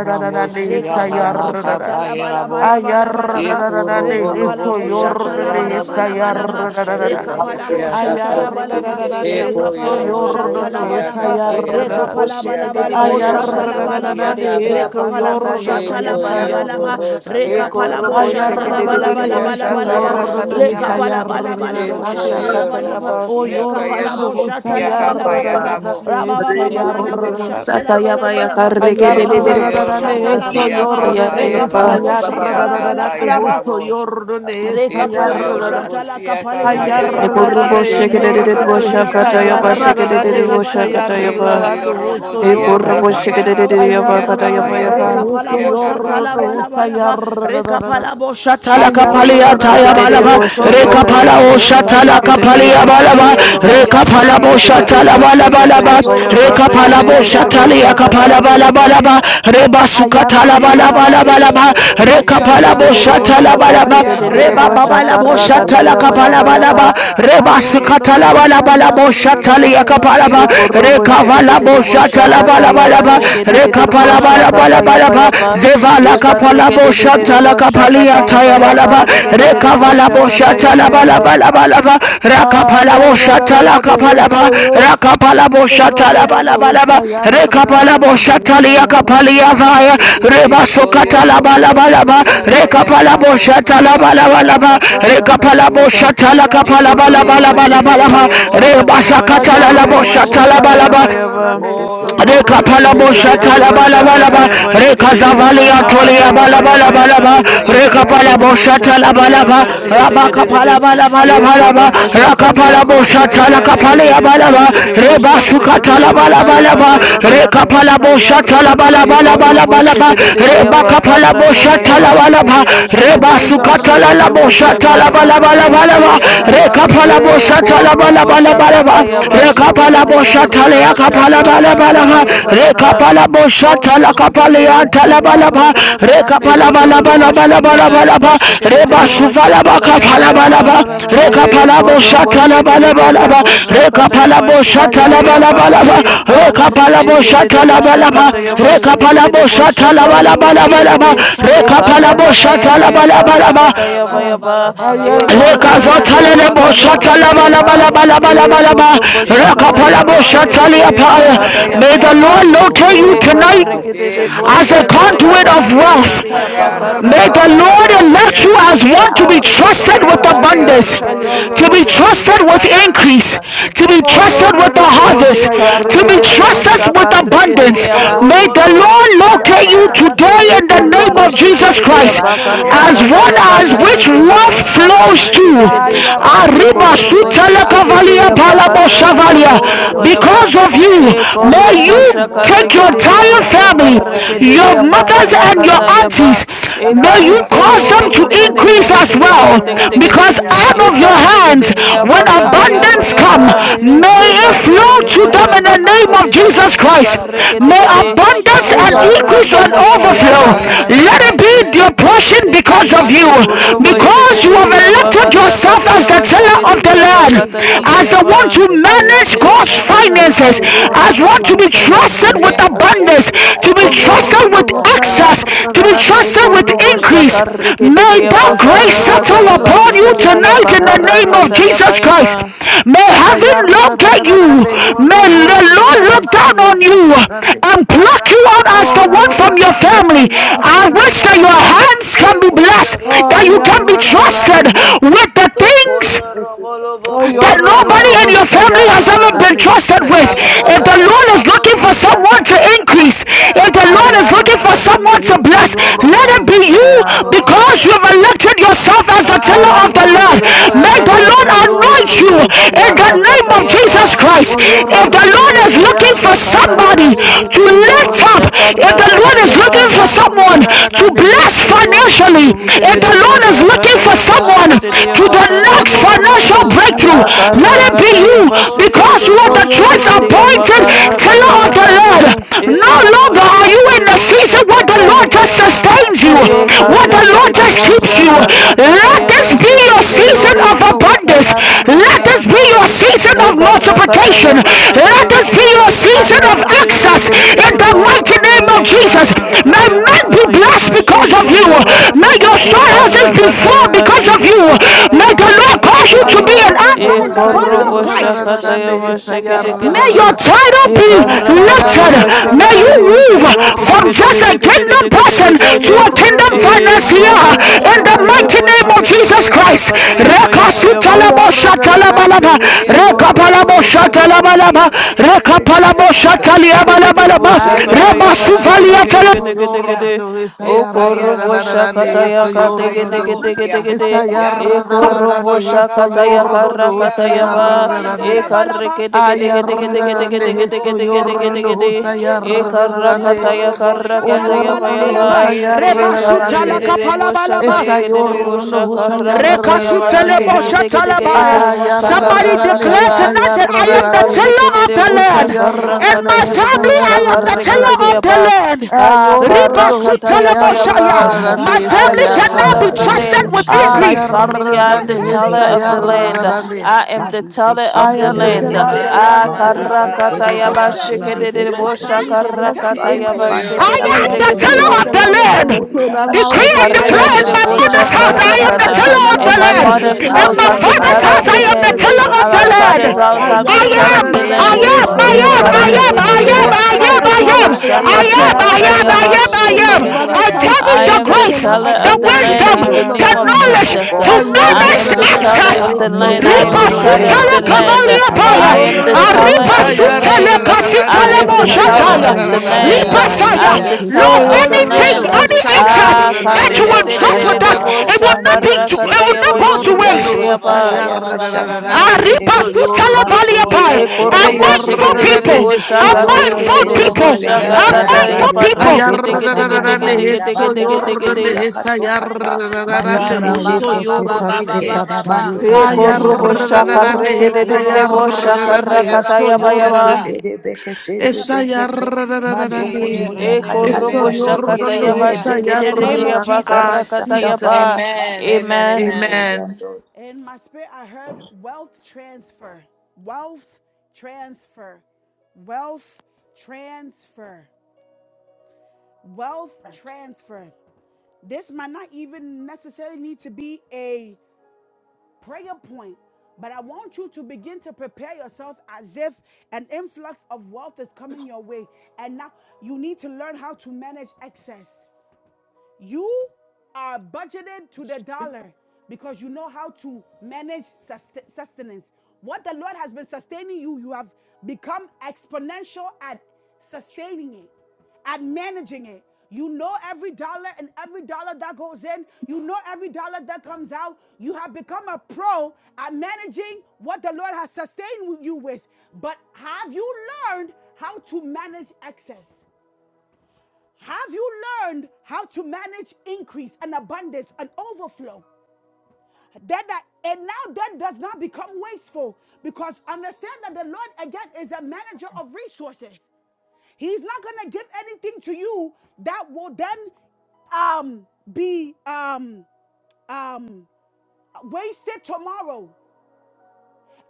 Speaker 1: reka
Speaker 5: Ramosia
Speaker 4: Ekorobo
Speaker 1: palabo
Speaker 4: shakata
Speaker 5: Ramaka
Speaker 1: shata la
Speaker 5: Paya
Speaker 1: balaba
Speaker 4: yaba
Speaker 5: Rabo,
Speaker 1: la balaba la
Speaker 5: E
Speaker 1: ba,
Speaker 5: Kurubo
Speaker 1: reka palabo
Speaker 5: Lobokia
Speaker 1: shata la
Speaker 5: Paya
Speaker 1: balaba la
Speaker 5: Rabosia
Speaker 1: balaba,
Speaker 5: Paya
Speaker 1: reka palabo
Speaker 5: Rabosia
Speaker 1: shata
Speaker 2: Ayar
Speaker 5: Tata,
Speaker 1: la balaba,
Speaker 5: E
Speaker 1: reka
Speaker 5: Koyo
Speaker 1: palabo shata la
Speaker 5: Robosia
Speaker 1: balaba,
Speaker 5: Kapaya
Speaker 1: reka palaba
Speaker 5: Rabosia
Speaker 1: la balabo
Speaker 5: Kapaya
Speaker 1: shata la
Speaker 5: Rabosia
Speaker 1: balaba,
Speaker 2: Ayarrarararane,
Speaker 5: Tapa,
Speaker 1: reka
Speaker 2: eso
Speaker 1: palabo
Speaker 2: yordono
Speaker 5: E
Speaker 1: shata la
Speaker 2: es
Speaker 5: Koyo
Speaker 1: balaba la ba,
Speaker 2: ayarrararane.
Speaker 1: Reka Reka
Speaker 5: Robosia
Speaker 1: Reka bo
Speaker 5: Kapaya
Speaker 1: shata shata shata shata la balaba
Speaker 2: Ayarrararane,
Speaker 1: la
Speaker 5: Rabosia
Speaker 2: eso
Speaker 1: balaba la
Speaker 5: Kapaya
Speaker 1: ba.
Speaker 2: yordono es
Speaker 1: Reka
Speaker 5: Rabosia.
Speaker 1: palaba la balabo shata la
Speaker 2: ayarrararane.
Speaker 5: Ekoyero
Speaker 1: balaba.
Speaker 2: O
Speaker 5: moshia
Speaker 1: Reka
Speaker 5: kaya la
Speaker 1: palabo
Speaker 2: yordono es
Speaker 1: shata
Speaker 5: moshia
Speaker 1: la balaba
Speaker 5: kapaya
Speaker 1: la ba.
Speaker 5: rabo.
Speaker 2: ayarrararane, es
Speaker 1: Rababa baba la bo
Speaker 2: ayarrararane.
Speaker 1: shata la balaba la ba ba ba
Speaker 4: yakareke dededede
Speaker 1: Rekapalabo
Speaker 5: Ekoyero
Speaker 2: Ayarrarararane, eso
Speaker 5: moshia
Speaker 1: shatalabalabalabalabalaba.
Speaker 2: yordono
Speaker 5: kapaya
Speaker 4: boshakata
Speaker 2: es
Speaker 4: yaba.
Speaker 5: la
Speaker 1: Lekapalabalabo shatalabalaba. Rekapalabo shatalabalabalaba. Rababababalabo shata
Speaker 5: moshia
Speaker 1: la
Speaker 2: ayarrararane,
Speaker 1: shatalabalaba.
Speaker 5: kapaya
Speaker 1: la ba
Speaker 2: oso
Speaker 5: rabo.
Speaker 2: yordono es
Speaker 1: Reka palabo
Speaker 5: Ekoyero
Speaker 2: ayarrararane.
Speaker 1: shatala
Speaker 5: moshia
Speaker 1: kapale yanta
Speaker 5: kapaya la
Speaker 1: balaba.
Speaker 4: Ekurbo
Speaker 5: moshia
Speaker 2: Ayarrararane,
Speaker 5: kapaya
Speaker 1: Reka
Speaker 4: shikadidid
Speaker 2: yordono
Speaker 5: rabo
Speaker 1: palaba
Speaker 2: es
Speaker 5: moshia
Speaker 1: laba laba
Speaker 4: boshakatayaba
Speaker 5: kapaya
Speaker 1: laba.
Speaker 4: shikadidid
Speaker 5: rabo.
Speaker 2: ayarrararane,
Speaker 1: Reka
Speaker 2: es
Speaker 1: palabo
Speaker 4: boshakatayaba.
Speaker 1: shatala
Speaker 2: ayarrararane,
Speaker 5: Ekoyero
Speaker 1: balaba
Speaker 2: oso
Speaker 1: laba.
Speaker 5: moshia
Speaker 4: Ekurbo
Speaker 2: yordono.
Speaker 1: Reka
Speaker 3: Father.
Speaker 5: kapaya
Speaker 4: shikadidid
Speaker 2: Ayarra
Speaker 1: palabo
Speaker 5: rabo
Speaker 4: yaba
Speaker 5: moshia
Speaker 1: shatala
Speaker 3: Thank
Speaker 4: katayaba
Speaker 5: kapaya
Speaker 1: Reka
Speaker 4: yaba.
Speaker 5: rabo moshia
Speaker 1: palabo
Speaker 5: kapa.
Speaker 1: shatala balaba laba. Reka palabo shatala kapale yanta
Speaker 5: Ekoyero
Speaker 4: Ekadidid
Speaker 1: balaba.
Speaker 5: molobokia
Speaker 1: Reka
Speaker 4: boshakatayaba
Speaker 1: palabo
Speaker 4: yaka
Speaker 1: shatala kapale
Speaker 4: rikadidid
Speaker 1: ya balaba.
Speaker 5: Ekoye
Speaker 4: boshakatayaba.
Speaker 1: Reka
Speaker 5: Romolo
Speaker 1: palabo
Speaker 5: Bokia
Speaker 4: Ekadidid
Speaker 1: shatala
Speaker 5: Pasa
Speaker 1: balaba
Speaker 5: Paya
Speaker 1: laba.
Speaker 4: boshakatayaba yaka
Speaker 1: Reka
Speaker 5: Ramosia
Speaker 1: palabo
Speaker 4: rikadidid
Speaker 5: Kapaya
Speaker 1: shatale akapala
Speaker 5: Ramosia
Speaker 4: boshakatayaba yaba.
Speaker 1: balabalaba
Speaker 5: Kapaya Rabo.
Speaker 1: reba sukatala
Speaker 2: Ayarrararane.
Speaker 5: Ekoye
Speaker 1: balabalabalaba reka
Speaker 5: Robosia
Speaker 1: palabo
Speaker 4: Ekadidid
Speaker 5: Kapaya
Speaker 2: Asayarrono
Speaker 1: shatala balaba
Speaker 5: Rabosia
Speaker 4: boshakarikadidid
Speaker 1: reba
Speaker 5: Kaya.
Speaker 2: husayarrararane
Speaker 1: babalabo shatala
Speaker 4: boshakarakatayaba
Speaker 1: kapala
Speaker 4: yaba
Speaker 6: Ah,
Speaker 4: yaba.
Speaker 1: balaba
Speaker 2: hasayarrarano.
Speaker 1: reba
Speaker 2: Ayorrono
Speaker 1: sukatala
Speaker 5: Ekoye
Speaker 1: balabalabo
Speaker 5: Romosia
Speaker 1: shatale
Speaker 2: husayarrararane
Speaker 1: akapala
Speaker 5: Kapaya
Speaker 1: ba
Speaker 4: Ekorobo
Speaker 1: reka
Speaker 5: Ramosia
Speaker 4: shekete
Speaker 2: hisayarrararane.
Speaker 1: valabo
Speaker 4: de
Speaker 5: Kapaya
Speaker 4: bosha
Speaker 1: shatala
Speaker 4: kata
Speaker 5: Reben.
Speaker 4: yaba
Speaker 2: Ayorrono
Speaker 1: balabalaba
Speaker 4: shekete de
Speaker 1: reka
Speaker 4: bosha
Speaker 1: palabala
Speaker 2: husayarrararane
Speaker 4: kata yaba
Speaker 1: balabalaba
Speaker 4: yaba
Speaker 2: hisayorrono
Speaker 1: zevala kapalabo
Speaker 4: ekarekete
Speaker 2: hisayarrararane.
Speaker 1: shatala
Speaker 4: bosha
Speaker 1: kapalia
Speaker 4: kata yaba
Speaker 1: taya
Speaker 4: yaba
Speaker 1: balaba balaba
Speaker 4: rekete
Speaker 2: Ayarrararane
Speaker 1: rekabala
Speaker 4: bosha kata
Speaker 1: bosha
Speaker 4: yaba
Speaker 1: tala
Speaker 2: hisoyorrono
Speaker 1: bala
Speaker 2: he.
Speaker 4: yaba
Speaker 1: bala balaba rakapala bosha tala
Speaker 2: Ayarrararane
Speaker 1: kapala ba
Speaker 2: hisoyo.
Speaker 1: rakapala bosha tala
Speaker 2: Ayorrono
Speaker 1: bala bala ba rekapala
Speaker 2: husayarrararane
Speaker 1: bosha tali yakapali
Speaker 2: hisayarrararane.
Speaker 1: reba
Speaker 2: O
Speaker 5: Ekoye
Speaker 1: sokata
Speaker 4: bosha
Speaker 1: la
Speaker 4: kata
Speaker 1: bala
Speaker 5: Robolo
Speaker 4: yaba
Speaker 2: yorunu
Speaker 1: bala ba
Speaker 4: shekete
Speaker 5: Bokia
Speaker 4: de
Speaker 5: Paya
Speaker 4: bosha
Speaker 2: husayarrana.
Speaker 1: rekapala
Speaker 4: kata
Speaker 1: bosha
Speaker 4: yaba
Speaker 1: tala
Speaker 5: Rabosia
Speaker 1: bala
Speaker 4: shekete de
Speaker 1: bala
Speaker 5: Kapa.
Speaker 3: you.
Speaker 1: ba
Speaker 4: yaba
Speaker 2: O
Speaker 4: kara kata
Speaker 1: rekapala
Speaker 2: yorunu
Speaker 4: yaba
Speaker 1: bosha tala kapala bala bala
Speaker 4: ekorobo
Speaker 1: bala
Speaker 2: husayarrana.
Speaker 4: shekete
Speaker 5: Ekoye
Speaker 4: de yaba kata
Speaker 1: reba
Speaker 5: Romolo
Speaker 4: yaba
Speaker 2: A
Speaker 5: kia
Speaker 1: sakata
Speaker 4: shekete
Speaker 1: la
Speaker 4: de
Speaker 2: yorunu
Speaker 1: bosha
Speaker 5: Paya.
Speaker 4: bosha
Speaker 6: ah.
Speaker 4: kata
Speaker 1: bala
Speaker 4: yaba yaba
Speaker 2: husayarrana. So
Speaker 5: O
Speaker 1: Reka
Speaker 5: robolo
Speaker 2: yorunu
Speaker 1: palamo
Speaker 5: bolo
Speaker 1: shatala
Speaker 4: Ekorobo
Speaker 5: bokia
Speaker 4: shakata
Speaker 5: paya
Speaker 1: balabalaba.
Speaker 2: husayarrana.
Speaker 4: yaba
Speaker 1: Reka
Speaker 4: shekede de de de
Speaker 5: ramosia
Speaker 1: zavali
Speaker 2: A
Speaker 5: kapaya
Speaker 1: antolia
Speaker 5: rabosia
Speaker 2: yarrana.
Speaker 1: balabalabalaba.
Speaker 2: So
Speaker 5: kapaya
Speaker 1: Reka
Speaker 5: ramo.
Speaker 1: palamo
Speaker 2: yorunu
Speaker 1: shatala balaba.
Speaker 5: Eko yo
Speaker 1: Rabaka
Speaker 2: husayarrana.
Speaker 5: romolo
Speaker 6: Hallelujah.
Speaker 2: A
Speaker 5: bokia
Speaker 1: palabalabalabalaba.
Speaker 5: paya
Speaker 2: yorunu
Speaker 1: Raka
Speaker 5: rabosia
Speaker 1: palamo shatala
Speaker 5: kapaya
Speaker 2: husayarrana.
Speaker 1: kapalia balaba.
Speaker 5: ramosia
Speaker 2: Esto
Speaker 5: kaya.
Speaker 1: Reba
Speaker 2: yorunu
Speaker 1: sukatala balabalaba.
Speaker 3: Thank you.
Speaker 2: husayarrana.
Speaker 1: Reka palamo shatala
Speaker 5: Eko yo
Speaker 2: Husayarrana.
Speaker 1: balabalabalabalaba.
Speaker 5: romosia
Speaker 2: O
Speaker 1: Reba
Speaker 5: kapaya
Speaker 2: yorunu
Speaker 1: kapalamo
Speaker 5: rabosia
Speaker 2: husayarrana.
Speaker 1: shatala balaba.
Speaker 5: kapaya
Speaker 1: Reba
Speaker 3: Manda
Speaker 5: ramo.
Speaker 2: Oh,
Speaker 3: baba
Speaker 2: you're
Speaker 1: sukatala
Speaker 3: baba
Speaker 1: lamo
Speaker 3: kataya
Speaker 5: Eko
Speaker 1: shatala
Speaker 5: yo
Speaker 3: kashanda baka
Speaker 1: balabalabalaba.
Speaker 5: robosia
Speaker 1: Reka
Speaker 3: tiyende
Speaker 5: kapaya
Speaker 3: dede
Speaker 1: palamo shatala
Speaker 5: rabosia
Speaker 1: bala
Speaker 3: maka
Speaker 1: bala
Speaker 5: kapaya
Speaker 3: tiye
Speaker 1: bala ba
Speaker 5: rabosia
Speaker 3: kishende
Speaker 1: rekapala
Speaker 3: dede
Speaker 5: kapa.
Speaker 3: dede
Speaker 4: de
Speaker 1: boshatale
Speaker 4: bo
Speaker 3: dede
Speaker 1: yakapala bala
Speaker 4: shakara
Speaker 1: bala ba
Speaker 4: kata
Speaker 3: manda ya
Speaker 4: yaba yaba.
Speaker 3: kashende
Speaker 1: rekapala boshatala
Speaker 3: Surya
Speaker 1: kapale
Speaker 3: kashanda
Speaker 1: yantala
Speaker 3: baba
Speaker 1: bala ba
Speaker 3: baba
Speaker 4: E
Speaker 1: rekapala
Speaker 3: maka
Speaker 1: bala
Speaker 3: tiye
Speaker 4: Ekororo
Speaker 1: bala bala
Speaker 4: boşa
Speaker 3: kishende
Speaker 1: bala
Speaker 4: kataya
Speaker 1: bala
Speaker 3: dede
Speaker 1: ba
Speaker 4: başa
Speaker 3: dede
Speaker 1: reba
Speaker 4: kedere
Speaker 3: dede
Speaker 4: boşa
Speaker 1: suvala ba
Speaker 4: kataya
Speaker 3: manda
Speaker 1: kapala
Speaker 4: baya
Speaker 1: bala
Speaker 3: baka
Speaker 1: ba
Speaker 4: ba.
Speaker 3: kaya
Speaker 4: E
Speaker 1: rekapala
Speaker 3: kashanda
Speaker 4: korro
Speaker 1: boshatala
Speaker 4: boşa
Speaker 1: bala bala ba
Speaker 4: kedere boşa kataya
Speaker 1: rekapala
Speaker 4: başa kedere
Speaker 1: boshatala bala
Speaker 4: yaba
Speaker 1: bala ba
Speaker 4: kataya ba.
Speaker 1: rekapala
Speaker 4: E kedere
Speaker 1: boshatala
Speaker 4: boşa
Speaker 1: bala ba
Speaker 4: kataya başa
Speaker 1: rekapala
Speaker 4: kedere boşa
Speaker 1: boshatala bala
Speaker 4: karre kede
Speaker 1: bala
Speaker 4: kede
Speaker 1: bala ba
Speaker 4: kede.
Speaker 2: no
Speaker 4: E
Speaker 1: rekapala
Speaker 4: karra kataya
Speaker 1: boshatala
Speaker 4: baya
Speaker 2: sayar
Speaker 1: bala bala
Speaker 4: karra
Speaker 5: Para
Speaker 1: ba
Speaker 3: Father
Speaker 5: mala
Speaker 4: kataya
Speaker 5: bala
Speaker 2: Ah,
Speaker 4: baya
Speaker 5: bala
Speaker 4: ba.
Speaker 5: bala
Speaker 4: E
Speaker 5: baka
Speaker 4: karre
Speaker 5: paya
Speaker 4: kedere
Speaker 2: ayarrarararano,
Speaker 1: Lekazatalele
Speaker 4: yaba
Speaker 2: oso
Speaker 5: rabosia
Speaker 4: karra
Speaker 1: boshatala
Speaker 3: God,
Speaker 4: kataya
Speaker 5: kapaya
Speaker 3: I
Speaker 2: yorrene,
Speaker 1: bala
Speaker 2: esa
Speaker 4: ba.
Speaker 3: come
Speaker 1: bala
Speaker 5: rabo.
Speaker 1: bala
Speaker 3: before
Speaker 1: bala
Speaker 4: E
Speaker 3: you
Speaker 1: bala
Speaker 2: yarrararane.
Speaker 1: ba.
Speaker 3: and I
Speaker 4: korro
Speaker 3: say
Speaker 4: boşa
Speaker 3: to you, O
Speaker 1: Rakapala
Speaker 4: kataya
Speaker 5: Ekoyo
Speaker 4: başa
Speaker 3: God,
Speaker 5: romo
Speaker 4: kedere
Speaker 1: boshatali
Speaker 2: Ayorrarararano,
Speaker 5: lobo
Speaker 3: that
Speaker 2: esa
Speaker 4: yaba
Speaker 5: kia
Speaker 1: apaya.
Speaker 3: Father, you
Speaker 5: paya.
Speaker 3: have
Speaker 4: kataya
Speaker 1: May the
Speaker 4: baya
Speaker 3: found
Speaker 4: ba.
Speaker 2: yarrarararano,
Speaker 1: Lord
Speaker 3: me, O
Speaker 1: locate
Speaker 2: oso
Speaker 1: you
Speaker 4: E
Speaker 3: God, that
Speaker 1: tonight
Speaker 3: I'll
Speaker 2: yorrene.
Speaker 3: be
Speaker 4: karrekete
Speaker 3: the
Speaker 4: de
Speaker 3: man,
Speaker 1: as
Speaker 3: O
Speaker 4: boşa
Speaker 2: Eh,
Speaker 1: a
Speaker 5: Ekoyo
Speaker 3: God,
Speaker 4: kataya
Speaker 5: romo
Speaker 1: conduit
Speaker 3: Father,
Speaker 1: of
Speaker 3: to
Speaker 2: yorrararane,
Speaker 3: help
Speaker 4: başşekete
Speaker 5: shiaka
Speaker 1: wealth.
Speaker 4: de
Speaker 3: my
Speaker 2: esa
Speaker 4: yapa
Speaker 5: paya
Speaker 3: ground, O
Speaker 5: rabo
Speaker 1: May the
Speaker 5: lobo
Speaker 3: God.
Speaker 2: yarrarararano,
Speaker 4: karrakataya
Speaker 5: kia
Speaker 1: Lord
Speaker 2: oh,
Speaker 3: Father, may
Speaker 1: elect
Speaker 4: başşekete
Speaker 1: you
Speaker 5: paya.
Speaker 4: de
Speaker 3: you
Speaker 1: as
Speaker 4: boşa
Speaker 1: one to
Speaker 2: oh,
Speaker 1: be
Speaker 3: shower, O
Speaker 4: karrekete
Speaker 1: trusted
Speaker 3: God,
Speaker 4: de
Speaker 1: with
Speaker 4: boşa
Speaker 3: Father,
Speaker 2: yorrarararane,
Speaker 3: your
Speaker 5: Ekoyo
Speaker 1: abundance
Speaker 2: esa
Speaker 5: robo
Speaker 4: karrekete de
Speaker 3: blessings
Speaker 5: lobo
Speaker 1: to be
Speaker 3: May
Speaker 5: lobo
Speaker 2: yorrararane.
Speaker 3: you
Speaker 1: trusted
Speaker 5: kia
Speaker 1: with
Speaker 3: shower
Speaker 5: paya.
Speaker 3: your
Speaker 1: increase,
Speaker 3: blessings,
Speaker 1: to
Speaker 3: O
Speaker 1: be
Speaker 3: God.
Speaker 5: E
Speaker 1: trusted with the
Speaker 5: robo
Speaker 3: Father,
Speaker 5: lobo
Speaker 2: Ayorrararano,
Speaker 5: lobo
Speaker 3: may
Speaker 4: e
Speaker 1: harvest,
Speaker 2: esa
Speaker 3: the
Speaker 1: to
Speaker 5: kia
Speaker 1: be
Speaker 3: shower
Speaker 4: karrekete
Speaker 3: of
Speaker 4: de
Speaker 5: paya.
Speaker 1: trusted
Speaker 2: yarrarararane.
Speaker 3: blessings
Speaker 4: boşa
Speaker 1: with
Speaker 3: rain
Speaker 4: karrekete
Speaker 3: upon
Speaker 4: de
Speaker 1: abundance.
Speaker 3: the
Speaker 5: Ekoyo
Speaker 3: earth,
Speaker 4: yapa.
Speaker 1: May
Speaker 3: O
Speaker 5: robo
Speaker 1: the
Speaker 2: Ayorrararano,
Speaker 5: lobo
Speaker 3: God.
Speaker 1: Lord
Speaker 2: esa
Speaker 5: kia
Speaker 3: The
Speaker 1: locate you
Speaker 3: Father,
Speaker 5: paya.
Speaker 3: may
Speaker 2: yarrararane,
Speaker 1: today
Speaker 3: you
Speaker 1: in the
Speaker 2: esa
Speaker 3: choose
Speaker 1: name
Speaker 4: Ekorobo
Speaker 3: me
Speaker 1: of
Speaker 3: to
Speaker 1: Jesus
Speaker 3: till
Speaker 2: yarrararane,
Speaker 3: the
Speaker 4: shekedede
Speaker 1: Christ,
Speaker 3: land,
Speaker 2: oso
Speaker 3: O
Speaker 1: as
Speaker 5: Ya
Speaker 2: yorrene,
Speaker 4: apakarakata
Speaker 3: God.
Speaker 1: one
Speaker 4: yaba
Speaker 2: esa
Speaker 1: as
Speaker 5: ramala
Speaker 3: Father,
Speaker 1: which
Speaker 5: bala
Speaker 4: shekedede
Speaker 3: in
Speaker 5: bala
Speaker 1: wealth
Speaker 2: yarrararane.
Speaker 5: baka
Speaker 3: Jesus'
Speaker 1: flows
Speaker 3: mighty
Speaker 5: paya
Speaker 1: to.
Speaker 3: name, O
Speaker 4: boshakarekedegede.
Speaker 5: rebe kia
Speaker 3: God,
Speaker 1: Arriba
Speaker 2: Ayarrarane,
Speaker 5: paya.
Speaker 4: Ekorobo
Speaker 3: every drought, O
Speaker 1: sutelekavalia
Speaker 4: shekedede
Speaker 3: God,
Speaker 2: hesayarrararano,
Speaker 5: Eko
Speaker 3: Father,
Speaker 5: robo
Speaker 4: apakarakata
Speaker 2: hoso
Speaker 1: palabosavalia.
Speaker 4: yaba
Speaker 3: may
Speaker 5: lobo
Speaker 4: yaba
Speaker 3: your
Speaker 5: kia
Speaker 3: rain
Speaker 2: yorrono.
Speaker 1: Because
Speaker 4: yaba.
Speaker 1: of
Speaker 5: paya.
Speaker 1: you,
Speaker 3: fall that
Speaker 1: may
Speaker 3: I
Speaker 4: Ekorobo
Speaker 3: may
Speaker 1: you
Speaker 3: till
Speaker 1: take
Speaker 2: Hesayarrarane,
Speaker 5: Ekoyo
Speaker 1: your
Speaker 3: that
Speaker 4: shakatekedede
Speaker 5: robo
Speaker 1: entire
Speaker 3: land, O
Speaker 5: lobo
Speaker 1: family,
Speaker 3: God,
Speaker 5: robo
Speaker 2: hesayarrarane,
Speaker 3: in
Speaker 1: your
Speaker 4: boshakarekedede
Speaker 5: kia
Speaker 3: Jesus'
Speaker 1: mothers
Speaker 5: paya.
Speaker 3: mighty
Speaker 1: and your
Speaker 4: apakarakata
Speaker 3: name, O
Speaker 2: hesayarrararane.
Speaker 4: yaba.
Speaker 1: aunties,
Speaker 3: God. The
Speaker 1: may you
Speaker 5: Hallelujah,
Speaker 3: Father,
Speaker 2: Eso
Speaker 3: we
Speaker 1: cause them
Speaker 3: cannot
Speaker 1: to
Speaker 3: no
Speaker 2: yorrono,
Speaker 1: increase as
Speaker 3: longer lack,
Speaker 1: well.
Speaker 3: O
Speaker 2: yarrararane,
Speaker 3: God.
Speaker 1: Because
Speaker 4: Ekarekedegedegedegedegedegedegedegedegede.
Speaker 1: I
Speaker 3: In the
Speaker 1: out of your
Speaker 2: hesayarrarara.
Speaker 3: mighty
Speaker 1: hands.
Speaker 4: Ekarekedede
Speaker 3: name of
Speaker 1: When
Speaker 4: apakata
Speaker 3: Jesus,
Speaker 4: yaba
Speaker 1: abundance
Speaker 3: oh
Speaker 1: come,
Speaker 3: God.
Speaker 2: Ayarrarane,
Speaker 4: yaba.
Speaker 1: may it flow
Speaker 4: Ekarekede
Speaker 3: Mandakato
Speaker 1: to
Speaker 2: hesayorrono,
Speaker 1: them
Speaker 2: eh.
Speaker 1: in the
Speaker 3: katodia
Speaker 1: name of
Speaker 4: boshakarekedede
Speaker 3: kasande
Speaker 1: Jesus Christ.
Speaker 3: dekete.
Speaker 1: May
Speaker 5: Ramala
Speaker 4: boshakarekedegede.
Speaker 1: abundance
Speaker 5: Bakaba,
Speaker 1: and
Speaker 3: Mandere
Speaker 1: increase
Speaker 2: Ayorrono,
Speaker 1: and
Speaker 4: Ekarakata
Speaker 3: dekesende
Speaker 1: overflow.
Speaker 4: yapayapa.
Speaker 3: de.
Speaker 5: Kaya
Speaker 1: Let it
Speaker 2: hosayarrararane.
Speaker 5: Rebele
Speaker 1: be
Speaker 5: Bere
Speaker 1: your
Speaker 5: Bere
Speaker 3: Mandekesende
Speaker 1: portion
Speaker 5: Bere
Speaker 1: because
Speaker 5: Bere,
Speaker 1: of you.
Speaker 3: dekesende
Speaker 2: Ayarrarane,
Speaker 3: dekete.
Speaker 4: Ekurubo
Speaker 1: Because you
Speaker 5: Eko
Speaker 4: shekete
Speaker 1: have
Speaker 5: Yo
Speaker 4: yapa
Speaker 2: hesayorrono,
Speaker 5: Robo
Speaker 3: Mandaya
Speaker 1: elected
Speaker 5: Lobo
Speaker 1: yourself
Speaker 4: karakata
Speaker 5: Lobo
Speaker 1: as
Speaker 3: kachato
Speaker 1: the
Speaker 4: yapa
Speaker 1: tiller
Speaker 5: Lobo,
Speaker 1: of
Speaker 4: shekete
Speaker 1: the
Speaker 2: hesayarrararane,
Speaker 3: katerian
Speaker 4: yapa
Speaker 1: land,
Speaker 2: eh,
Speaker 4: kata
Speaker 1: as
Speaker 3: sirerede.
Speaker 2: Jesus.
Speaker 1: the one to
Speaker 4: yapayapa.
Speaker 3: Dekesende
Speaker 1: manage
Speaker 5: E
Speaker 1: God's
Speaker 2: Ayarrararane
Speaker 5: Ramala Bala
Speaker 1: finances,
Speaker 3: dekesende
Speaker 5: Bala
Speaker 3: de.
Speaker 5: Bala
Speaker 1: as one
Speaker 5: Bala,
Speaker 1: to be trusted with
Speaker 3: Mandokotoya
Speaker 5: Eko Yo
Speaker 1: abundance,
Speaker 3: kasande
Speaker 1: to
Speaker 5: Robo
Speaker 1: be
Speaker 5: Lobo
Speaker 3: katerian
Speaker 5: Lobo
Speaker 1: trusted with
Speaker 5: Lobo,
Speaker 3: derianda.
Speaker 1: access, to be
Speaker 3: Makate.
Speaker 1: trusted with
Speaker 4: Ekurubo
Speaker 1: increase.
Speaker 3: Mandere dekesende
Speaker 4: shakarikete
Speaker 1: May
Speaker 3: dekete.
Speaker 1: that
Speaker 4: yapa
Speaker 1: grace
Speaker 3: Mandere
Speaker 5: Saramala
Speaker 4: karakata
Speaker 1: settle upon
Speaker 4: yapa
Speaker 5: Bala
Speaker 1: upon you
Speaker 3: dekesende
Speaker 4: shekete
Speaker 5: Bala Bala Bala
Speaker 1: tonight
Speaker 4: yapa
Speaker 1: in
Speaker 5: Bala
Speaker 1: the
Speaker 3: dekete.
Speaker 1: name
Speaker 5: Bala Bala
Speaker 1: of
Speaker 4: karakata
Speaker 1: Jesus
Speaker 5: Bala,
Speaker 1: Christ.
Speaker 4: yapayapa.
Speaker 1: May heaven look at
Speaker 5: Robo
Speaker 1: you.
Speaker 5: Lobo
Speaker 1: May
Speaker 5: Robo
Speaker 1: the Lord look
Speaker 5: Siaraba,
Speaker 1: down on you and pluck you out
Speaker 5: Karamala bala
Speaker 1: as the
Speaker 3: Thank
Speaker 5: bala
Speaker 1: one from
Speaker 5: bala
Speaker 1: your family.
Speaker 5: bala
Speaker 1: I
Speaker 5: paye
Speaker 1: wish
Speaker 5: debe.
Speaker 1: that your hands can
Speaker 5: Ve
Speaker 1: be
Speaker 5: koyu
Speaker 1: blessed,
Speaker 5: robo
Speaker 1: that you
Speaker 5: lobo
Speaker 1: can be
Speaker 5: kiya
Speaker 1: trusted
Speaker 5: paye.
Speaker 1: with the
Speaker 5: Ve
Speaker 1: things
Speaker 5: koyu robo lobo
Speaker 1: that
Speaker 5: kiya paye
Speaker 1: nobody in
Speaker 5: rabo
Speaker 1: your family
Speaker 5: kiya
Speaker 1: has ever
Speaker 5: kafa.
Speaker 1: been trusted with.
Speaker 5: Ve
Speaker 1: If the
Speaker 5: koyu
Speaker 1: Lord
Speaker 5: robo
Speaker 1: is looking
Speaker 5: lobo
Speaker 1: for
Speaker 5: kiya
Speaker 2: Jesus,
Speaker 1: someone to
Speaker 5: paye debe.
Speaker 1: increase,
Speaker 5: Kiya
Speaker 1: if the
Speaker 5: rama
Speaker 1: Lord is
Speaker 2: Ayar,
Speaker 5: kapaye
Speaker 1: looking for
Speaker 5: rabo.
Speaker 2: Ayarrande
Speaker 1: someone to
Speaker 2: Heso
Speaker 1: bless, let
Speaker 2: Yorno
Speaker 1: it be you
Speaker 5: Yes
Speaker 2: Husayar.
Speaker 1: because
Speaker 5: Lord.
Speaker 1: you've elected yourself
Speaker 3: you.
Speaker 1: as the teller of the
Speaker 5: Karama
Speaker 1: Lord.
Speaker 4: Ekarikete
Speaker 3: Mandoko
Speaker 4: bo
Speaker 5: babaya
Speaker 1: May
Speaker 2: Ayarrande
Speaker 1: the
Speaker 5: ramo
Speaker 1: Lord
Speaker 2: Heso
Speaker 5: kiya
Speaker 1: anoint
Speaker 5: raba.
Speaker 4: shakarikete
Speaker 2: Yorno
Speaker 1: you
Speaker 4: yapa
Speaker 1: in the
Speaker 2: Husayar.
Speaker 5: Ve
Speaker 1: name
Speaker 4: karakata
Speaker 1: of
Speaker 5: koyu robo
Speaker 1: Jesus
Speaker 4: yapa.
Speaker 1: Christ.
Speaker 5: lobo
Speaker 2: O
Speaker 5: lobo
Speaker 1: If
Speaker 5: lobo
Speaker 1: the
Speaker 2: Yorno
Speaker 1: Lord
Speaker 5: lobo.
Speaker 1: is
Speaker 4: Ekarikete bo
Speaker 1: looking
Speaker 2: Husayar.
Speaker 1: for
Speaker 4: shakata
Speaker 5: Ve
Speaker 4: yapa
Speaker 1: somebody
Speaker 2: Rande
Speaker 5: koyu
Speaker 1: to
Speaker 2: Heso
Speaker 1: you
Speaker 4: shekete
Speaker 5: robo
Speaker 4: bo
Speaker 1: lift
Speaker 5: lobo
Speaker 1: up.
Speaker 2: Yorno.
Speaker 5: lobo
Speaker 1: If the Lord
Speaker 4: shakarakata
Speaker 1: is
Speaker 5: kiya
Speaker 1: looking
Speaker 4: yapa.
Speaker 1: for someone to
Speaker 2: Esayarrande
Speaker 1: bless
Speaker 2: Heso
Speaker 1: financially,
Speaker 2: Yorno
Speaker 1: if the
Speaker 4: Yigididi
Speaker 2: Husayar.
Speaker 1: Lord is
Speaker 4: busha
Speaker 1: looking
Speaker 4: kata
Speaker 1: for
Speaker 4: yaba
Speaker 1: someone
Speaker 4: shikididi
Speaker 5: Karamada
Speaker 1: to
Speaker 4: yaba
Speaker 1: the
Speaker 5: bala
Speaker 2: O
Speaker 5: bala
Speaker 1: next
Speaker 5: bala
Speaker 4: karikididi
Speaker 5: bala
Speaker 2: Yorno
Speaker 1: financial
Speaker 4: bush.
Speaker 5: ba.
Speaker 1: breakthrough,
Speaker 2: Husayar.
Speaker 1: let
Speaker 4: Akara
Speaker 1: it be
Speaker 4: kata
Speaker 1: you
Speaker 2: Rande.
Speaker 4: yaba
Speaker 5: Oyo
Speaker 1: because
Speaker 4: shikididi
Speaker 1: you are
Speaker 5: robo
Speaker 2: O
Speaker 1: the
Speaker 4: bush
Speaker 5: robo
Speaker 1: choice
Speaker 5: robo
Speaker 4: shikididi
Speaker 2: Yorno
Speaker 5: robo
Speaker 4: yaba
Speaker 1: appointed
Speaker 5: robo.
Speaker 2: Husayar.
Speaker 4: kara
Speaker 1: teller
Speaker 4: kata
Speaker 1: of the
Speaker 4: yaba.
Speaker 3: Soria
Speaker 1: Lord.
Speaker 2: Rande.
Speaker 3: Kasha
Speaker 1: No
Speaker 5: Eko
Speaker 4: Ikuru bush
Speaker 1: longer
Speaker 5: yo
Speaker 1: are you
Speaker 5: robo
Speaker 1: in
Speaker 3: Abada
Speaker 4: shikididi
Speaker 1: the
Speaker 5: robo
Speaker 1: season
Speaker 4: busha
Speaker 1: where
Speaker 5: siya
Speaker 1: the
Speaker 4: kata
Speaker 2: Ah,
Speaker 1: Lord
Speaker 5: baye
Speaker 4: yaba
Speaker 1: just
Speaker 4: yaba.
Speaker 5: rebe.
Speaker 1: sustains you,
Speaker 3: Madhikateya
Speaker 4: E
Speaker 1: where
Speaker 2: Ayorno
Speaker 1: the
Speaker 3: kashanda
Speaker 1: Lord
Speaker 5: Eko yo
Speaker 4: karikididi
Speaker 1: just
Speaker 2: Husayar.
Speaker 1: keeps
Speaker 5: robo
Speaker 1: at
Speaker 4: busha
Speaker 1: you.
Speaker 3: pakateba
Speaker 5: robo
Speaker 4: kara
Speaker 5: siya
Speaker 4: kata
Speaker 1: Let
Speaker 2: Rande.
Speaker 4: yaba
Speaker 1: this
Speaker 5: baye.
Speaker 1: be your
Speaker 4: shikididi
Speaker 1: season
Speaker 3: madhadadakashanda
Speaker 4: gidi.
Speaker 1: of
Speaker 2: Eyorno
Speaker 3: padapa
Speaker 1: abundance. Let this
Speaker 5: Yes,
Speaker 1: be
Speaker 2: sayarrararande
Speaker 1: your
Speaker 5: Lord.
Speaker 1: season of
Speaker 2: hesayarrarararande.
Speaker 1: multiplication.
Speaker 5: Karama ba
Speaker 3: madhakatiyandayakatisekerere
Speaker 5: ba
Speaker 1: Let
Speaker 5: ba ba
Speaker 1: this be
Speaker 5: ba ba
Speaker 1: your
Speaker 5: ba ba
Speaker 1: season
Speaker 5: ba
Speaker 1: of
Speaker 5: ba.
Speaker 3: manderekashanda
Speaker 1: access
Speaker 2: Ayarrararande
Speaker 1: in
Speaker 2: heso
Speaker 1: the
Speaker 5: Eko
Speaker 3: pakatariyando
Speaker 1: mighty
Speaker 5: robo
Speaker 2: yorno
Speaker 5: ba
Speaker 1: name of
Speaker 5: ba ba ba
Speaker 1: Jesus.
Speaker 5: ba ba
Speaker 3: katiririya
Speaker 5: ba
Speaker 1: May
Speaker 5: ba
Speaker 2: hesayarrarararande.
Speaker 3: kashanda
Speaker 1: men be blessed
Speaker 3: pariyando
Speaker 1: because of
Speaker 2: Oso
Speaker 1: you. May
Speaker 2: yorno
Speaker 3: katadadadada
Speaker 1: your
Speaker 5: Yes,
Speaker 1: storehouses
Speaker 5: Lord.
Speaker 1: be full because of
Speaker 3: mandekekekashanda
Speaker 2: sayarrarararande.
Speaker 1: you.
Speaker 3: ba
Speaker 1: May
Speaker 5: Karama
Speaker 1: the
Speaker 5: la
Speaker 1: Lord
Speaker 5: ba la
Speaker 1: cause
Speaker 5: ba
Speaker 1: you
Speaker 3: mandakashanda
Speaker 5: la
Speaker 1: to
Speaker 5: ba
Speaker 3: ba
Speaker 1: be
Speaker 5: la
Speaker 1: an
Speaker 5: ba la ba
Speaker 1: answer
Speaker 5: la
Speaker 2: Ayorno
Speaker 1: in
Speaker 5: ba.
Speaker 1: the body of Christ.
Speaker 2: sayarrarararande
Speaker 3: mandikeserebekesherebekataraba
Speaker 5: Eko
Speaker 1: May your
Speaker 5: robo
Speaker 2: hesayarrarararande.
Speaker 5: robo
Speaker 1: title be
Speaker 5: robo robo robo
Speaker 1: lifted.
Speaker 5: siya
Speaker 1: May
Speaker 5: baye.
Speaker 1: you
Speaker 2: Asayarrarararande
Speaker 3: mandakatoriyandikeserebekeshe
Speaker 1: move
Speaker 2: heso
Speaker 1: from
Speaker 2: yorno
Speaker 1: just a
Speaker 2: he.
Speaker 1: kingdom person to a kingdom
Speaker 2: Oyorno
Speaker 3: Manda
Speaker 1: financier in the
Speaker 2: sayarrarararande
Speaker 3: Bakatalaba,
Speaker 2: he.
Speaker 1: mighty name of
Speaker 3: Manda
Speaker 1: Jesus Christ.
Speaker 3: Katalaba,
Speaker 5: Karabalabalabalabalabalabalaba.
Speaker 3: Mandaya
Speaker 1: Rekasutalabo
Speaker 3: Kashandi,
Speaker 2: Ayarrarararande
Speaker 3: Kishiria
Speaker 1: shatalabalaba.
Speaker 3: Kishinde,
Speaker 2: hesayorno
Speaker 1: Rekapalabo
Speaker 3: Kishiria
Speaker 5: Ekorobolobo
Speaker 3: Mandi,
Speaker 1: shatalabalaba.
Speaker 2: sayarrarararande.
Speaker 5: kia bayerebe
Speaker 3: Kishinde,
Speaker 5: kia
Speaker 1: Rekapalabo
Speaker 5: baya.
Speaker 3: Kisatoyada,
Speaker 4: Yekete
Speaker 1: shataliabalabalaba.
Speaker 3: Makaturia
Speaker 4: boshakata ya
Speaker 2: Ayarrararande,
Speaker 4: bashekete
Speaker 3: Kashandaba,
Speaker 4: kete
Speaker 1: Rebasuvaliatala-
Speaker 2: eso
Speaker 5: Ekorobolobo
Speaker 4: kete kete kete
Speaker 5: shia.
Speaker 2: yordondo, esa
Speaker 5: Ekaya
Speaker 4: okoro
Speaker 5: ramosia
Speaker 2: yarrararande,
Speaker 4: boshakata
Speaker 5: la
Speaker 2: eso
Speaker 4: ya kate
Speaker 5: makapaya
Speaker 4: kete
Speaker 5: la
Speaker 2: yordondo.
Speaker 4: kete kete
Speaker 5: bosia.
Speaker 2: Esa
Speaker 4: kete
Speaker 5: Ya
Speaker 4: ekoro korro
Speaker 2: yarrararande,
Speaker 5: ramababa
Speaker 4: ya
Speaker 2: eso
Speaker 5: kapaya
Speaker 4: kataya
Speaker 5: la
Speaker 4: karra
Speaker 2: yordondo,
Speaker 5: bosia
Speaker 2: esa
Speaker 4: kataya
Speaker 1: Reba ba ba
Speaker 4: ba
Speaker 1: ba
Speaker 5: ramakapaya
Speaker 1: la ba
Speaker 2: yarrararande.
Speaker 1: la
Speaker 5: lebe.
Speaker 1: ba la
Speaker 4: ekare
Speaker 1: ba.
Speaker 4: kete kete
Speaker 5: E
Speaker 1: Reka
Speaker 4: kete
Speaker 1: pa
Speaker 4: kete
Speaker 5: koyo
Speaker 1: la bo
Speaker 4: kete
Speaker 5: romo
Speaker 2: Ayarrararande,
Speaker 4: kete
Speaker 1: shata
Speaker 4: kete
Speaker 5: lobo
Speaker 1: la
Speaker 2: eso
Speaker 4: kete
Speaker 1: ba la
Speaker 5: kia
Speaker 4: kete
Speaker 1: ba la
Speaker 4: kete
Speaker 1: ba
Speaker 5: paye.
Speaker 2: yordondo,
Speaker 1: la
Speaker 4: kete
Speaker 1: ba
Speaker 2: esa
Speaker 1: la
Speaker 5: E
Speaker 1: ba la
Speaker 5: ko
Speaker 1: ba.
Speaker 5: romo
Speaker 4: ekara
Speaker 1: Leka
Speaker 2: yarrararande.
Speaker 5: lobo
Speaker 4: kata
Speaker 1: pa
Speaker 4: ya
Speaker 1: la
Speaker 5: robo
Speaker 1: bo
Speaker 4: kara
Speaker 2: O
Speaker 5: kia.
Speaker 4: kata
Speaker 1: la
Speaker 4: ya
Speaker 1: ba
Speaker 4: ba
Speaker 1: la
Speaker 4: ya
Speaker 1: ba
Speaker 5: E
Speaker 1: la
Speaker 2: yordondo,
Speaker 4: ba
Speaker 1: ba.
Speaker 2: esa
Speaker 5: kaye rebe
Speaker 1: Reba
Speaker 5: rebe
Speaker 1: suta
Speaker 5: rebe
Speaker 1: la
Speaker 2: yarrararande.
Speaker 1: ka
Speaker 5: rebe.
Speaker 4: Ekarekede
Speaker 1: la ba
Speaker 4: bosha
Speaker 1: la
Speaker 5: E
Speaker 1: ba.
Speaker 2: Esa
Speaker 4: katekede
Speaker 5: koyo
Speaker 2: yordondo,
Speaker 4: bosha
Speaker 5: robo
Speaker 2: esa
Speaker 5: lobo
Speaker 1: Reka
Speaker 5: lobo
Speaker 4: karakataya
Speaker 5: kia
Speaker 1: suta le bo
Speaker 2: yarrararande.
Speaker 5: paya.
Speaker 1: shata la ba
Speaker 5: E
Speaker 4: bashekedekede
Speaker 5: kara
Speaker 4: bosha
Speaker 5: mala
Speaker 1: Somebody
Speaker 5: bala
Speaker 2: Ayarrararande,
Speaker 5: bala
Speaker 1: declare
Speaker 4: karakataya.
Speaker 2: esa
Speaker 5: ba.
Speaker 1: tonight that I
Speaker 5: E
Speaker 1: am the
Speaker 2: yarrararande.
Speaker 5: koyo
Speaker 1: tiller
Speaker 4: Ekarekede
Speaker 1: of
Speaker 5: robo
Speaker 1: the
Speaker 5: lobo
Speaker 2: Esa
Speaker 4: bosha
Speaker 1: land.
Speaker 5: lobo lobo.
Speaker 1: In
Speaker 2: yarrararande,
Speaker 1: my
Speaker 4: karakatede
Speaker 2: esa
Speaker 1: family, I
Speaker 4: bosha
Speaker 1: am the
Speaker 4: karekede
Speaker 1: tiller
Speaker 2: yarrararande.
Speaker 1: of the
Speaker 4: yapa.
Speaker 1: land.
Speaker 4: Ah,
Speaker 1: Riba
Speaker 2: Ayorndo
Speaker 1: suta
Speaker 2: hosa
Speaker 1: le
Speaker 4: karakataya
Speaker 1: bo shaya.
Speaker 7: Nidana-
Speaker 4: payapa.
Speaker 2: yarrararande
Speaker 1: My
Speaker 5: Kara
Speaker 4: I
Speaker 2: hesa
Speaker 4: am
Speaker 1: family
Speaker 5: bala
Speaker 4: the
Speaker 5: bala
Speaker 7: and
Speaker 1: cannot
Speaker 4: teller
Speaker 7: My
Speaker 5: bala
Speaker 1: be
Speaker 4: of
Speaker 2: yarrarara.
Speaker 5: ba.
Speaker 4: the
Speaker 7: family
Speaker 3: Mandiria
Speaker 1: trusted
Speaker 4: land.
Speaker 1: with
Speaker 7: cannot be
Speaker 4: In
Speaker 3: Kishinde,
Speaker 4: my
Speaker 7: trusted
Speaker 1: increase.
Speaker 7: with
Speaker 4: family,
Speaker 7: increase.
Speaker 4: I am
Speaker 1: My
Speaker 2: Ayarrarande
Speaker 3: Kishiria
Speaker 4: the
Speaker 7: Now They
Speaker 1: family
Speaker 7: said,
Speaker 4: teller
Speaker 2: hesa
Speaker 4: of the
Speaker 1: cannot be
Speaker 7: "Katanarama,
Speaker 4: land.
Speaker 1: trusted
Speaker 3: Kasatayanda,
Speaker 1: with
Speaker 2: yarrararande.
Speaker 4: I am the
Speaker 3: Madi
Speaker 1: access.
Speaker 4: teller
Speaker 2: I
Speaker 4: of the
Speaker 3: Kishinde,
Speaker 2: am the
Speaker 1: My
Speaker 4: land.
Speaker 2: teller of
Speaker 3: Bedebe,
Speaker 7: Nidanarama."
Speaker 1: family
Speaker 2: the
Speaker 5: Kara
Speaker 2: land
Speaker 4: Ah,
Speaker 2: and
Speaker 1: cannot be
Speaker 2: of
Speaker 3: Mandi
Speaker 5: mala
Speaker 2: God
Speaker 1: trusted
Speaker 5: bala
Speaker 1: with
Speaker 2: in the
Speaker 1: the
Speaker 4: karakataya
Speaker 3: Kishinde,
Speaker 5: bala
Speaker 2: name of
Speaker 5: bala
Speaker 1: harvest
Speaker 5: ba.
Speaker 3: Kishinde,
Speaker 2: Jesus. In
Speaker 4: bashekedede
Speaker 2: my
Speaker 1: because
Speaker 4: bosha
Speaker 1: I
Speaker 2: family, there
Speaker 1: am
Speaker 2: must be
Speaker 1: attend
Speaker 3: Kishiria
Speaker 5: E
Speaker 1: to
Speaker 4: karakataya
Speaker 1: it.
Speaker 2: influence.
Speaker 5: koyo
Speaker 3: Mandaka
Speaker 5: robo
Speaker 2: I
Speaker 1: I am
Speaker 2: am
Speaker 1: the
Speaker 5: lobo
Speaker 2: the
Speaker 3: Kantili
Speaker 1: tiller
Speaker 5: lobo
Speaker 2: teller of
Speaker 4: bashekedekede.
Speaker 3: and
Speaker 1: of
Speaker 2: the
Speaker 1: the
Speaker 5: lobo
Speaker 2: land in
Speaker 3: Blusko
Speaker 2: my
Speaker 5: lobo.
Speaker 1: land.
Speaker 3: Korea
Speaker 2: maternal house.
Speaker 1: Decree
Speaker 3: Kashanti
Speaker 1: and
Speaker 2: I
Speaker 5: E
Speaker 1: declare
Speaker 2: am
Speaker 1: in
Speaker 2: the
Speaker 1: my
Speaker 5: ramala
Speaker 3: Terebe
Speaker 2: teller
Speaker 1: mother's
Speaker 2: of
Speaker 5: bala
Speaker 2: the
Speaker 1: house,
Speaker 5: bala
Speaker 2: land
Speaker 1: I
Speaker 2: in
Speaker 1: am
Speaker 2: my
Speaker 5: bala
Speaker 1: the
Speaker 3: Mandaka
Speaker 4: Ekarrekedeboshakarrakata.
Speaker 5: ba.
Speaker 1: tiller
Speaker 2: paternal
Speaker 1: of
Speaker 3: Talia
Speaker 2: house.
Speaker 4: In
Speaker 1: the
Speaker 4: my
Speaker 2: I
Speaker 1: land.
Speaker 2: am the
Speaker 5: E
Speaker 4: mother's
Speaker 3: Kashanda
Speaker 2: teller
Speaker 1: In
Speaker 5: ko
Speaker 2: of
Speaker 3: Bab.
Speaker 2: the
Speaker 4: house,
Speaker 1: my
Speaker 4: I'm
Speaker 5: yo
Speaker 2: land
Speaker 4: the
Speaker 2: in
Speaker 5: ro
Speaker 2: my
Speaker 1: father's
Speaker 3: Father,
Speaker 4: teller
Speaker 5: bolo
Speaker 1: house,
Speaker 4: of
Speaker 3: I
Speaker 4: the
Speaker 1: I
Speaker 2: marital house
Speaker 1: am
Speaker 5: bolo
Speaker 2: in
Speaker 1: the
Speaker 2: the
Speaker 4: hen.
Speaker 5: bolo
Speaker 3: decree and
Speaker 2: name
Speaker 1: tiller of
Speaker 2: of
Speaker 4: At
Speaker 1: the
Speaker 4: my
Speaker 5: bokia
Speaker 3: declare,
Speaker 2: Jesus.
Speaker 3: oh
Speaker 1: land.
Speaker 5: baya
Speaker 4: father's
Speaker 3: God,
Speaker 4: house,
Speaker 3: that
Speaker 5: rabo.
Speaker 3: in
Speaker 4: I'm
Speaker 3: my
Speaker 4: the
Speaker 1: I
Speaker 4: teller
Speaker 1: am,
Speaker 3: mother's
Speaker 4: of the
Speaker 5: E
Speaker 1: I
Speaker 3: home,
Speaker 4: land.
Speaker 5: ko
Speaker 3: oh
Speaker 1: am,
Speaker 5: yo
Speaker 7: I
Speaker 1: I
Speaker 3: God,
Speaker 5: ro
Speaker 7: am,
Speaker 1: am,
Speaker 7: I
Speaker 5: bolo
Speaker 1: I
Speaker 3: Father,
Speaker 2: Ayarararararane,
Speaker 7: am,
Speaker 1: am,
Speaker 5: bolo
Speaker 3: my
Speaker 1: I
Speaker 7: I
Speaker 2: In
Speaker 1: am,
Speaker 2: my
Speaker 3: mother's
Speaker 7: am.
Speaker 5: bokia
Speaker 1: I
Speaker 3: side,
Speaker 5: baya.
Speaker 2: father's
Speaker 1: am, I am
Speaker 2: house, I
Speaker 3: Father,
Speaker 1: am.
Speaker 2: am the
Speaker 5: E
Speaker 3: I
Speaker 1: I am.
Speaker 5: ko
Speaker 2: teller
Speaker 3: am
Speaker 1: I
Speaker 2: of
Speaker 5: yo
Speaker 4: Ekarrekedeboshekedeboshakarrakata
Speaker 2: the
Speaker 1: am.
Speaker 3: the
Speaker 5: ro
Speaker 1: I
Speaker 3: tiller
Speaker 2: land.
Speaker 1: am.
Speaker 3: of
Speaker 5: bolo
Speaker 3: the
Speaker 2: In
Speaker 1: I
Speaker 2: my
Speaker 1: am.
Speaker 5: bokia
Speaker 3: land.
Speaker 4: yabashekedegede.
Speaker 2: mother's
Speaker 1: I
Speaker 3: May
Speaker 5: baya.
Speaker 2: house,
Speaker 1: carry
Speaker 2: I
Speaker 4: I
Speaker 3: you
Speaker 1: the
Speaker 2: am
Speaker 4: am
Speaker 2: the
Speaker 4: the
Speaker 3: cause
Speaker 1: grace,
Speaker 2: teller
Speaker 3: me
Speaker 4: teller
Speaker 2: of the
Speaker 1: the
Speaker 4: of
Speaker 3: to.
Speaker 4: the
Speaker 2: land
Speaker 3: May
Speaker 2: in
Speaker 4: land
Speaker 3: you
Speaker 2: the
Speaker 1: wisdom,
Speaker 4: in the
Speaker 3: locate
Speaker 2: name
Speaker 5: Kara
Speaker 2: of
Speaker 1: the
Speaker 4: name
Speaker 3: relocate
Speaker 4: of
Speaker 5: bala
Speaker 3: me,
Speaker 2: Jesus.
Speaker 1: knowledge
Speaker 5: baka
Speaker 3: O
Speaker 5: ya
Speaker 4: Jesus.
Speaker 1: to
Speaker 3: God,
Speaker 5: labo
Speaker 3: and
Speaker 4: I
Speaker 5: siya
Speaker 1: manage
Speaker 3: make
Speaker 4: am
Speaker 1: the
Speaker 3: me
Speaker 4: the
Speaker 3: the
Speaker 5: laba.
Speaker 4: teller
Speaker 3: tiller
Speaker 1: access.
Speaker 4: of the
Speaker 3: of the
Speaker 4: land.
Speaker 7: Yes,
Speaker 4: I
Speaker 3: land,
Speaker 5: E
Speaker 4: am
Speaker 7: God,
Speaker 3: O
Speaker 4: the
Speaker 1: Ripa
Speaker 7: in
Speaker 5: ko
Speaker 7: the
Speaker 3: Father,
Speaker 4: teller
Speaker 7: name
Speaker 5: yo
Speaker 2: Ayarararararane,
Speaker 3: on
Speaker 4: of
Speaker 7: of
Speaker 3: my
Speaker 5: ro
Speaker 1: sutele
Speaker 4: the
Speaker 5: bolo
Speaker 7: Jesus.
Speaker 3: mother's
Speaker 4: land.
Speaker 1: kavalia
Speaker 3: side,
Speaker 5: bokia
Speaker 2: Ay, Ay,
Speaker 1: baya.
Speaker 4: I
Speaker 7: Shitanama
Speaker 3: in
Speaker 5: baya
Speaker 4: am
Speaker 3: my
Speaker 4: the
Speaker 7: yoko
Speaker 5: rabo.
Speaker 3: father's
Speaker 7: toto
Speaker 4: teller
Speaker 1: Aripa
Speaker 4: of
Speaker 3: side,
Speaker 4: the
Speaker 3: in
Speaker 7: kororaba.
Speaker 1: sutele
Speaker 4: land.
Speaker 3: Jesus'
Speaker 5: E
Speaker 3: mighty
Speaker 5: ko
Speaker 4: I
Speaker 1: kasitele
Speaker 2: arrarararande,
Speaker 4: am
Speaker 5: yo
Speaker 4: the
Speaker 3: name,
Speaker 2: esa
Speaker 5: ro
Speaker 3: O
Speaker 2: y
Speaker 5: bolo
Speaker 4: teller
Speaker 1: moshataya.
Speaker 3: God.
Speaker 7: Ikatama
Speaker 4: of the
Speaker 5: bokia
Speaker 3: Mande
Speaker 5: baya
Speaker 4: land.
Speaker 1: Lipa
Speaker 7: yutadadaba
Speaker 5: labo
Speaker 1: saya.
Speaker 7: yoko
Speaker 4: I'm the
Speaker 5: siya.
Speaker 3: keterebe,
Speaker 4: teller
Speaker 1: Lord,
Speaker 4: of
Speaker 7: shitananama
Speaker 4: the
Speaker 3: mande
Speaker 1: anything,
Speaker 4: land.
Speaker 7: yudaba.
Speaker 3: keshende
Speaker 1: any access
Speaker 3: kebede
Speaker 4: Ah,
Speaker 5: E ko
Speaker 1: that you
Speaker 3: keteria
Speaker 5: yo ro
Speaker 1: entrust
Speaker 5: bolo
Speaker 1: with
Speaker 3: kashanda
Speaker 4: karrekedededede
Speaker 1: us,
Speaker 5: bolo
Speaker 3: ba,
Speaker 5: bolo.
Speaker 1: it
Speaker 4: bosha
Speaker 1: will not
Speaker 3: mande
Speaker 1: be to, it will
Speaker 3: keshende
Speaker 4: karakataya
Speaker 1: not go to
Speaker 3: keteria
Speaker 1: waste.
Speaker 5: Kara
Speaker 3: ndos
Speaker 5: bala
Speaker 4: baishekedeyaba.
Speaker 3: kataya
Speaker 5: bala bala bala
Speaker 3: kashandi
Speaker 5: bala.
Speaker 3: keterebe.
Speaker 5: E ko
Speaker 3: Mantoye
Speaker 5: yo
Speaker 1: Aribasutalabaliapai.
Speaker 4: E
Speaker 5: ro
Speaker 1: A
Speaker 5: bolo
Speaker 3: keshende
Speaker 4: korobo
Speaker 5: bolo.
Speaker 3: be de be
Speaker 1: mindful
Speaker 7: Ikatadadaba.
Speaker 3: be
Speaker 4: shekedede
Speaker 3: be
Speaker 1: people,
Speaker 4: bosha
Speaker 1: a
Speaker 3: mande
Speaker 5: Ekoyo
Speaker 1: mindful
Speaker 5: rogo
Speaker 3: keshede
Speaker 4: karrekedede
Speaker 2: arrarararande,
Speaker 5: rogo
Speaker 1: people,
Speaker 3: kepe
Speaker 4: bosha
Speaker 5: kia
Speaker 1: a
Speaker 3: keshende
Speaker 5: baya
Speaker 3: be
Speaker 4: karataya
Speaker 7: Itadaba
Speaker 1: mindful
Speaker 7: yoko
Speaker 1: people.
Speaker 3: mando koto
Speaker 7: shikatananama
Speaker 3: kata
Speaker 7: yudaba.
Speaker 3: manda
Speaker 4: parrekedegedegedegedegedegedegede.
Speaker 3: katolia kato kata mandi
Speaker 7: Itama
Speaker 5: Karama ba
Speaker 3: keshende
Speaker 7: yoko
Speaker 5: ba
Speaker 3: be
Speaker 5: ba
Speaker 3: de
Speaker 7: tika
Speaker 5: ba ba
Speaker 3: kete
Speaker 5: ba ba
Speaker 7: shitababa
Speaker 5: ba.
Speaker 4: E
Speaker 3: mandoria
Speaker 7: yikatananama.
Speaker 4: korobo
Speaker 3: kashanda
Speaker 5: O
Speaker 3: baba baka
Speaker 5: rogo
Speaker 4: shakarekedede
Speaker 5: rogo
Speaker 3: teriandis
Speaker 4: bosha
Speaker 5: kaya
Speaker 3: keshende
Speaker 5: kaya
Speaker 3: be
Speaker 2: un
Speaker 4: karakataya
Speaker 2: soy
Speaker 5: ramos
Speaker 3: mandi
Speaker 4: bayaba.
Speaker 2: horrende.
Speaker 3: kete
Speaker 5: yaraba.
Speaker 3: de be
Speaker 1: In the
Speaker 3: keshende be
Speaker 1: mighty name
Speaker 3: kete
Speaker 1: of Jesus
Speaker 5: ye
Speaker 3: Mando
Speaker 1: Christ.
Speaker 5: ye
Speaker 2: Esayarrararararande.
Speaker 3: koto
Speaker 5: re
Speaker 3: ya
Speaker 4: E
Speaker 7: Inanama
Speaker 3: katalia
Speaker 4: korobo
Speaker 7: yoko
Speaker 5: Ekoyoroborobokiabaya. Karamababababababa. Oroborobokaya.
Speaker 3: diske
Speaker 5: kia
Speaker 4: shakataya
Speaker 2: Esoyorrando,
Speaker 3: shende
Speaker 7: shitakadadaba.
Speaker 5: baya
Speaker 3: be
Speaker 1: In the name
Speaker 4: bashekedede
Speaker 3: manda
Speaker 1: of
Speaker 2: sayarra.
Speaker 3: da
Speaker 4: yaba
Speaker 3: da
Speaker 2: Ah,
Speaker 1: Jesus.
Speaker 4: karakataya
Speaker 3: kashanda ba
Speaker 4: ba.
Speaker 2: Jesus.
Speaker 5: Amen,
Speaker 3: mata
Speaker 5: amen,
Speaker 4: Amen.
Speaker 5: amen.
Speaker 2: Amen.
Speaker 3: kashandiriandos.
Speaker 1: In my spirit, I heard wealth transfer. Wealth transfer. Wealth transfer. Wealth transfer. This might not even necessarily need to be a prayer point. But I want you to begin to prepare yourself as if an influx of wealth is coming your way. And now you need to learn how to manage excess. You are budgeted to the dollar because you know how to manage sust- sustenance. What the Lord has been sustaining you, you have become exponential at sustaining it, at managing it. You know every dollar and every dollar that goes in. You know every dollar that comes out. You have become a pro at managing what the Lord has sustained you with. But have you learned how to manage excess? Have you learned how to manage increase and abundance and overflow? That, that and now that does not become wasteful because understand that the Lord again is a manager of resources. He's not gonna give anything to you that will then um be um um wasted tomorrow.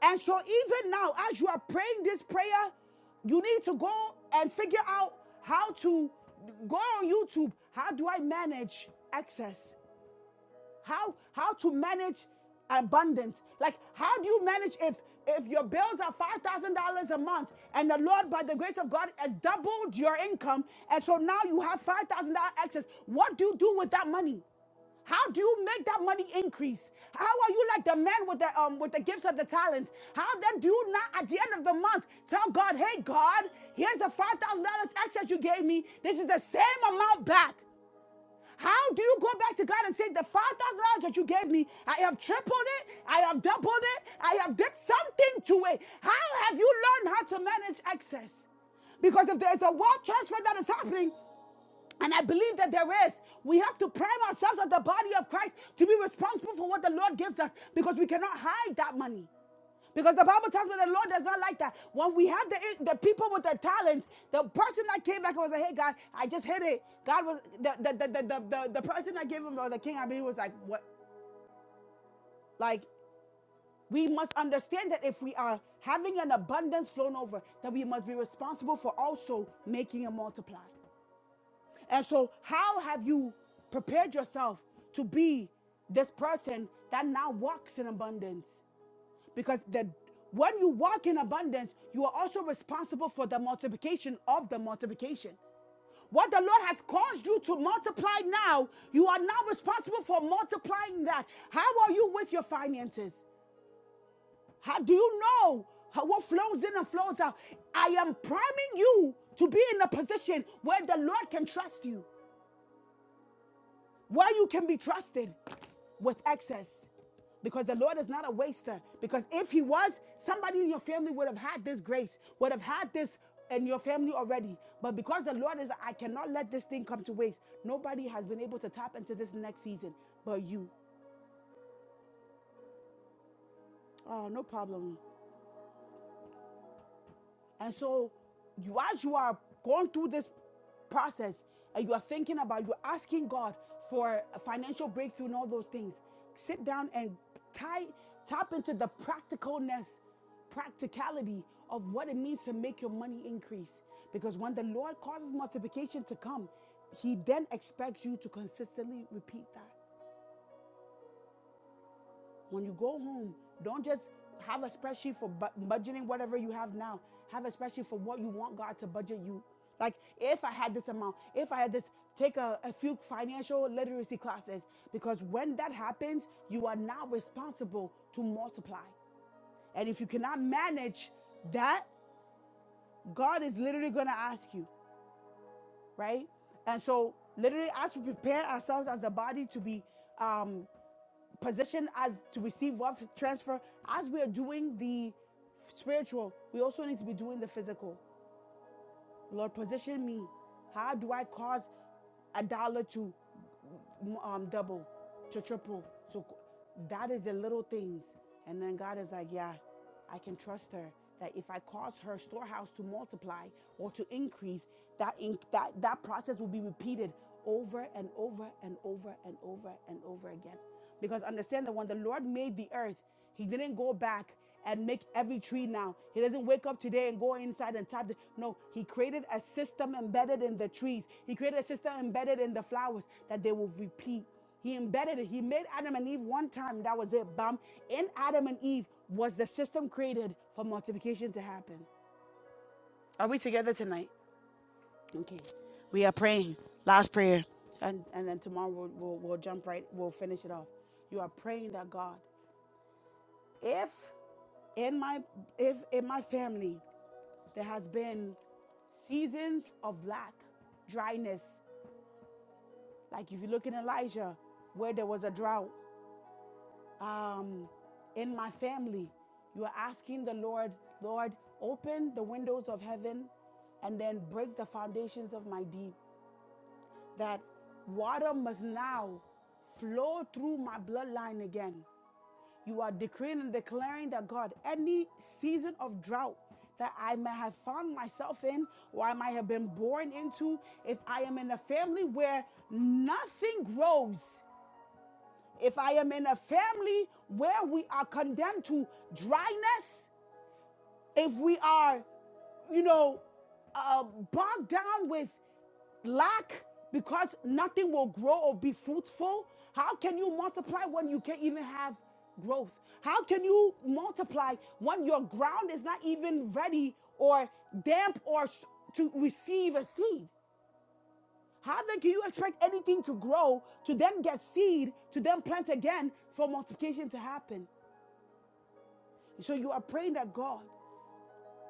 Speaker 1: And so, even now, as you are praying this prayer, you need to go and figure out how to go on YouTube. How do I manage access? How how to manage abundance? Like how do you manage if if your bills are five thousand dollars a month and the Lord by the grace of God has doubled your income and so now you have five thousand dollar excess? What do you do with that money? How do you make that money increase? How are you like the man with the um with the gifts of the talents? How then do you not at the end of the month tell God, hey God, here's the five thousand dollars excess you gave me. This is the same amount back. How do you go back to God and say, The five thousand dollars that you gave me, I have tripled it, I have doubled it, I have did something to it. How have you learned how to manage excess? Because if there's a wealth transfer that is happening, and I believe that there is. We have to prime ourselves as the body of Christ to be responsible for what the Lord gives us because we cannot hide that money. Because the Bible tells me the Lord does not like that. When we have the, the people with the talents, the person that came back and was like, hey, God, I just hit it. God was, the, the, the, the, the, the, the person that gave him, or the king, I mean, he was like, what? Like, we must understand that if we are having an abundance flown over, that we must be responsible for also making it multiply. And so, how have you prepared yourself to be this person that now walks in abundance? Because the when you walk in abundance, you are also responsible for the multiplication of the multiplication. What the Lord has caused you to multiply now, you are now responsible for multiplying that. How are you with your finances? How do you know how, what flows in and flows out? I am priming you to be in a position where the Lord can trust you. where you can be trusted with excess because the Lord is not a waster. Because if He was, somebody in your family would have had this grace, would have had this in your family already. But because the Lord is, I cannot let this thing come to waste, nobody has been able to tap into this next season but you. Oh, no problem. And so, you as you are going through this process and you are thinking about, you're asking God for a financial breakthrough and all those things, sit down and tie, tap into the practicalness, practicality of what it means to make your money increase. Because when the Lord causes multiplication to come, He then expects you to consistently repeat that. When you go home, don't just have a spreadsheet for budgeting whatever you have now. Have a spreadsheet for what you want God to budget you. Like, if I had this amount, if I had this, take a, a few financial literacy classes because when that happens, you are now responsible to multiply. And if you cannot manage that, God is literally going to ask you, right? And so, literally, as we prepare ourselves as the body to be um, position as to receive wealth transfer as we are doing the spiritual we also need to be doing the physical lord position me how do i cause a dollar to um, double to triple so that is the little things and then god is like yeah i can trust her that if i cause her storehouse to multiply or to increase that in, that that process will be repeated over and over and over and over and over again because understand that when the Lord made the earth, He didn't go back and make every tree now. He doesn't wake up today and go inside and tap. The, no, He created a system embedded in the trees. He created a system embedded in the flowers that they will repeat. He embedded it. He made Adam and Eve one time. That was it. Bam. In Adam and Eve was the system created for multiplication to happen. Are we together tonight? Okay. We are praying. Last prayer. And and then tomorrow we'll, we'll, we'll jump right, we'll finish it off. You are praying that God if in my if in my family there has been seasons of lack dryness like if you look in elijah where there was a drought um in my family you are asking the lord lord open the windows of heaven and then break the foundations of my deep that water must now flow through my bloodline again. You are decreeing and declaring that God, any season of drought that I may have found myself in or I might have been born into, if I am in a family where nothing grows, if I am in a family where we are condemned to dryness, if we are you know, uh, bogged down with lack because nothing will grow or be fruitful, how can you multiply when you can't even have growth? How can you multiply when your ground is not even ready or damp or s- to receive a seed? How then can you expect anything to grow, to then get seed, to then plant again for multiplication to happen? So you are praying that God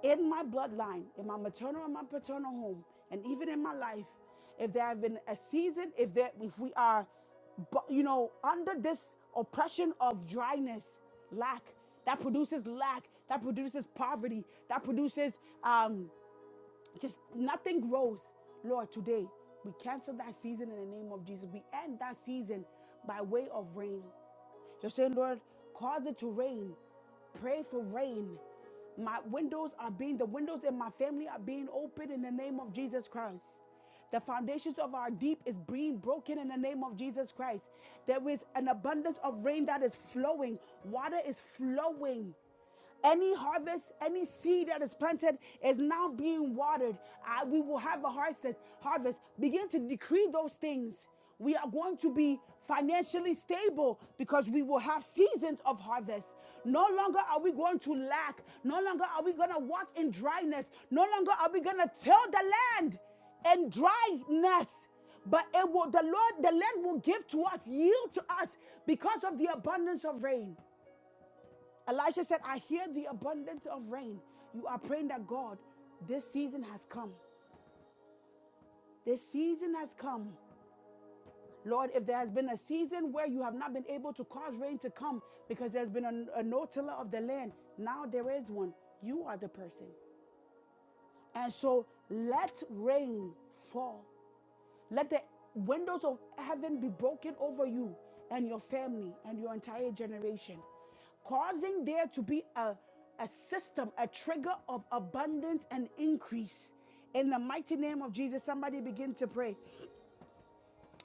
Speaker 1: in my bloodline, in my maternal and my paternal home, and even in my life, if there have been a season, if there, if we are, you know, under this oppression of dryness, lack that produces lack, that produces poverty, that produces um, just nothing grows. Lord, today we cancel that season in the name of Jesus. We end that season by way of rain. You're saying, Lord, cause it to rain. Pray for rain. My windows are being, the windows in my family are being opened in the name of Jesus Christ. The foundations of our deep is being broken in the name of Jesus Christ. There is an abundance of rain that is flowing. Water is flowing. Any harvest, any seed that is planted is now being watered. I- we will have a harvest. Harvest. Begin to decree those things. We are going to be financially stable because we will have seasons of harvest. No longer are we going to lack. No longer are we going to walk in dryness. No longer are we going to till the land in dryness but it will the lord the land will give to us yield to us because of the abundance of rain Elisha said, I hear the abundance of rain. You are praying that God, this season has come. This season has come. Lord, if there has been a season where you have not been able to cause rain to come because there's been a, a no tiller of the land, now there is one. You are the person. And so let rain fall. Let the windows of heaven be broken over you and your family and your entire generation, causing there to be a, a system, a trigger of abundance and increase. In the mighty name of Jesus, somebody begin to pray.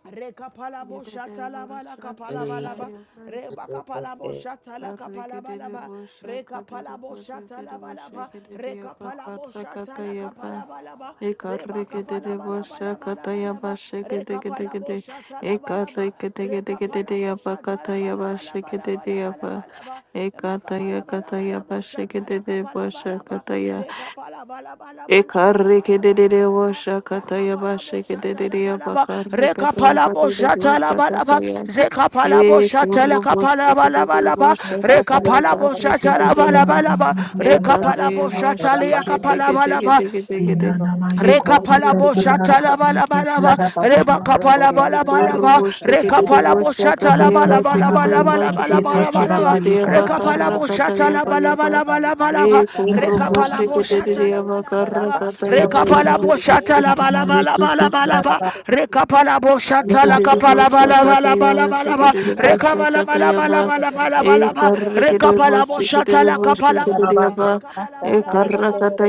Speaker 1: Rekapalabo shatalabala
Speaker 4: Ekataya
Speaker 1: kapalabalaba. Rebakapalabo shatala kapalabalaba. Rekapalabo shatalabalaba. Rekapalabo shatala kapalabalaba. Rebakapalabalabalabalaba. Rekapalabo shatalabalaba. Rekapalabo shatalabalabalabalabalaba. Makapala bala bala boshata la kapala bala ba rekapala bala bala bala bala bala bala bala ba rakapala boshata la bala ba rekapala boshata la bala ba zekapala
Speaker 4: Hey, E
Speaker 1: boshata la
Speaker 4: corro você
Speaker 1: kapala
Speaker 4: que de
Speaker 1: bala bala ba
Speaker 4: você
Speaker 8: Thank
Speaker 4: cataria
Speaker 1: rekapala
Speaker 4: da que
Speaker 1: boshata
Speaker 4: de
Speaker 7: Thank
Speaker 1: la bala
Speaker 4: dieta.
Speaker 1: bala ba
Speaker 4: E
Speaker 1: rekapala
Speaker 4: cataria
Speaker 1: boshata
Speaker 4: você
Speaker 1: la
Speaker 4: que de
Speaker 1: kapala
Speaker 4: que de
Speaker 1: bala
Speaker 4: que
Speaker 1: ba
Speaker 4: de que de que de. E
Speaker 1: Reka pala
Speaker 4: cataria que
Speaker 8: you.
Speaker 1: boshata la bala bala ba, reba kapala
Speaker 4: de
Speaker 1: bala bala
Speaker 4: corro
Speaker 1: ba,
Speaker 4: você que de
Speaker 1: reka pala
Speaker 4: você
Speaker 1: boshata la
Speaker 4: cataria
Speaker 1: bala
Speaker 4: você
Speaker 1: bala
Speaker 4: que de
Speaker 1: bala bala
Speaker 4: você de
Speaker 1: bala bala
Speaker 4: você que
Speaker 1: ba,
Speaker 4: de dieta
Speaker 1: reka pala
Speaker 4: carra
Speaker 1: boshata
Speaker 4: cataria
Speaker 1: la
Speaker 4: vai
Speaker 1: bala
Speaker 4: vai.
Speaker 1: bala bala bala ba,
Speaker 4: E corro
Speaker 1: reka pala
Speaker 4: você que de
Speaker 1: boshata la
Speaker 4: dieta
Speaker 1: bala bala
Speaker 4: carra
Speaker 1: ba,
Speaker 4: cataria
Speaker 1: reka
Speaker 4: vai
Speaker 1: pala
Speaker 4: vai.
Speaker 1: boshata la bala bala bala bala ba, reka pala boshata la
Speaker 4: Ekorobo
Speaker 1: kapala bala
Speaker 4: shakata
Speaker 1: bala bala bala ba, reka bala bala bala bala bala bala ba, reka pala boshata la
Speaker 8: Sarada
Speaker 1: kapala
Speaker 7: you.
Speaker 8: Masatari
Speaker 1: rekapalabalabalaba
Speaker 8: enderere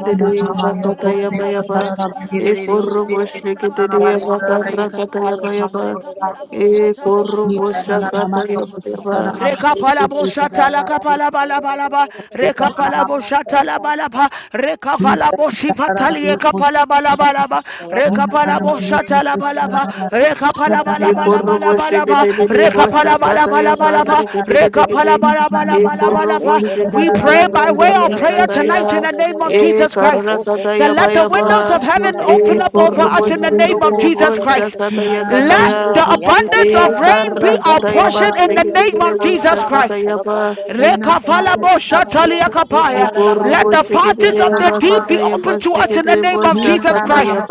Speaker 8: raba
Speaker 7: Thank
Speaker 8: shatari
Speaker 1: kapalabalaba
Speaker 8: enderere kusha
Speaker 1: rekapalabo
Speaker 8: aya shatoro
Speaker 1: shatalabalabalaba
Speaker 8: raba ndere chaka
Speaker 1: rekapalabalabalaba
Speaker 8: Under
Speaker 4: yaba
Speaker 8: the enderere
Speaker 1: rekapalabo
Speaker 8: kusha toro enderere
Speaker 1: shatalabalabalaba
Speaker 8: kusha
Speaker 4: yaba.
Speaker 8: raba shatari
Speaker 1: Rekapalabo shatala
Speaker 8: enderere ya
Speaker 1: kapala
Speaker 8: shatoro
Speaker 1: bala bala ba
Speaker 8: enderere
Speaker 1: rekapalabo
Speaker 8: aya
Speaker 1: shatala
Speaker 8: shatari
Speaker 1: bala ba rekavalabo shivatali kapala bala bala ba
Speaker 8: raba shatoro
Speaker 1: rekapalabo
Speaker 8: enderere
Speaker 1: shatala bala
Speaker 8: sekere
Speaker 1: ba
Speaker 8: enderere
Speaker 1: rekapala
Speaker 8: shatara
Speaker 1: bala
Speaker 8: baka
Speaker 1: bala
Speaker 4: Ekorobo
Speaker 1: bala
Speaker 8: shatara
Speaker 1: bala
Speaker 8: baba
Speaker 1: ba
Speaker 8: shatoro
Speaker 1: rekapala
Speaker 8: enderere
Speaker 1: bala bala
Speaker 8: sekere
Speaker 1: bala ba
Speaker 8: enderere
Speaker 1: rekapala bala bala bala
Speaker 8: Rob,
Speaker 1: bala ba we pray by way of prayer tonight in the name of Jesus
Speaker 7: you.
Speaker 1: Christ that let the windows of heaven open up over us in the name of Jesus Christ. Let the abundance of rain be our portion in the name of Jesus Christ. Let the fountains of the deep be open to us in the name of Jesus Christ.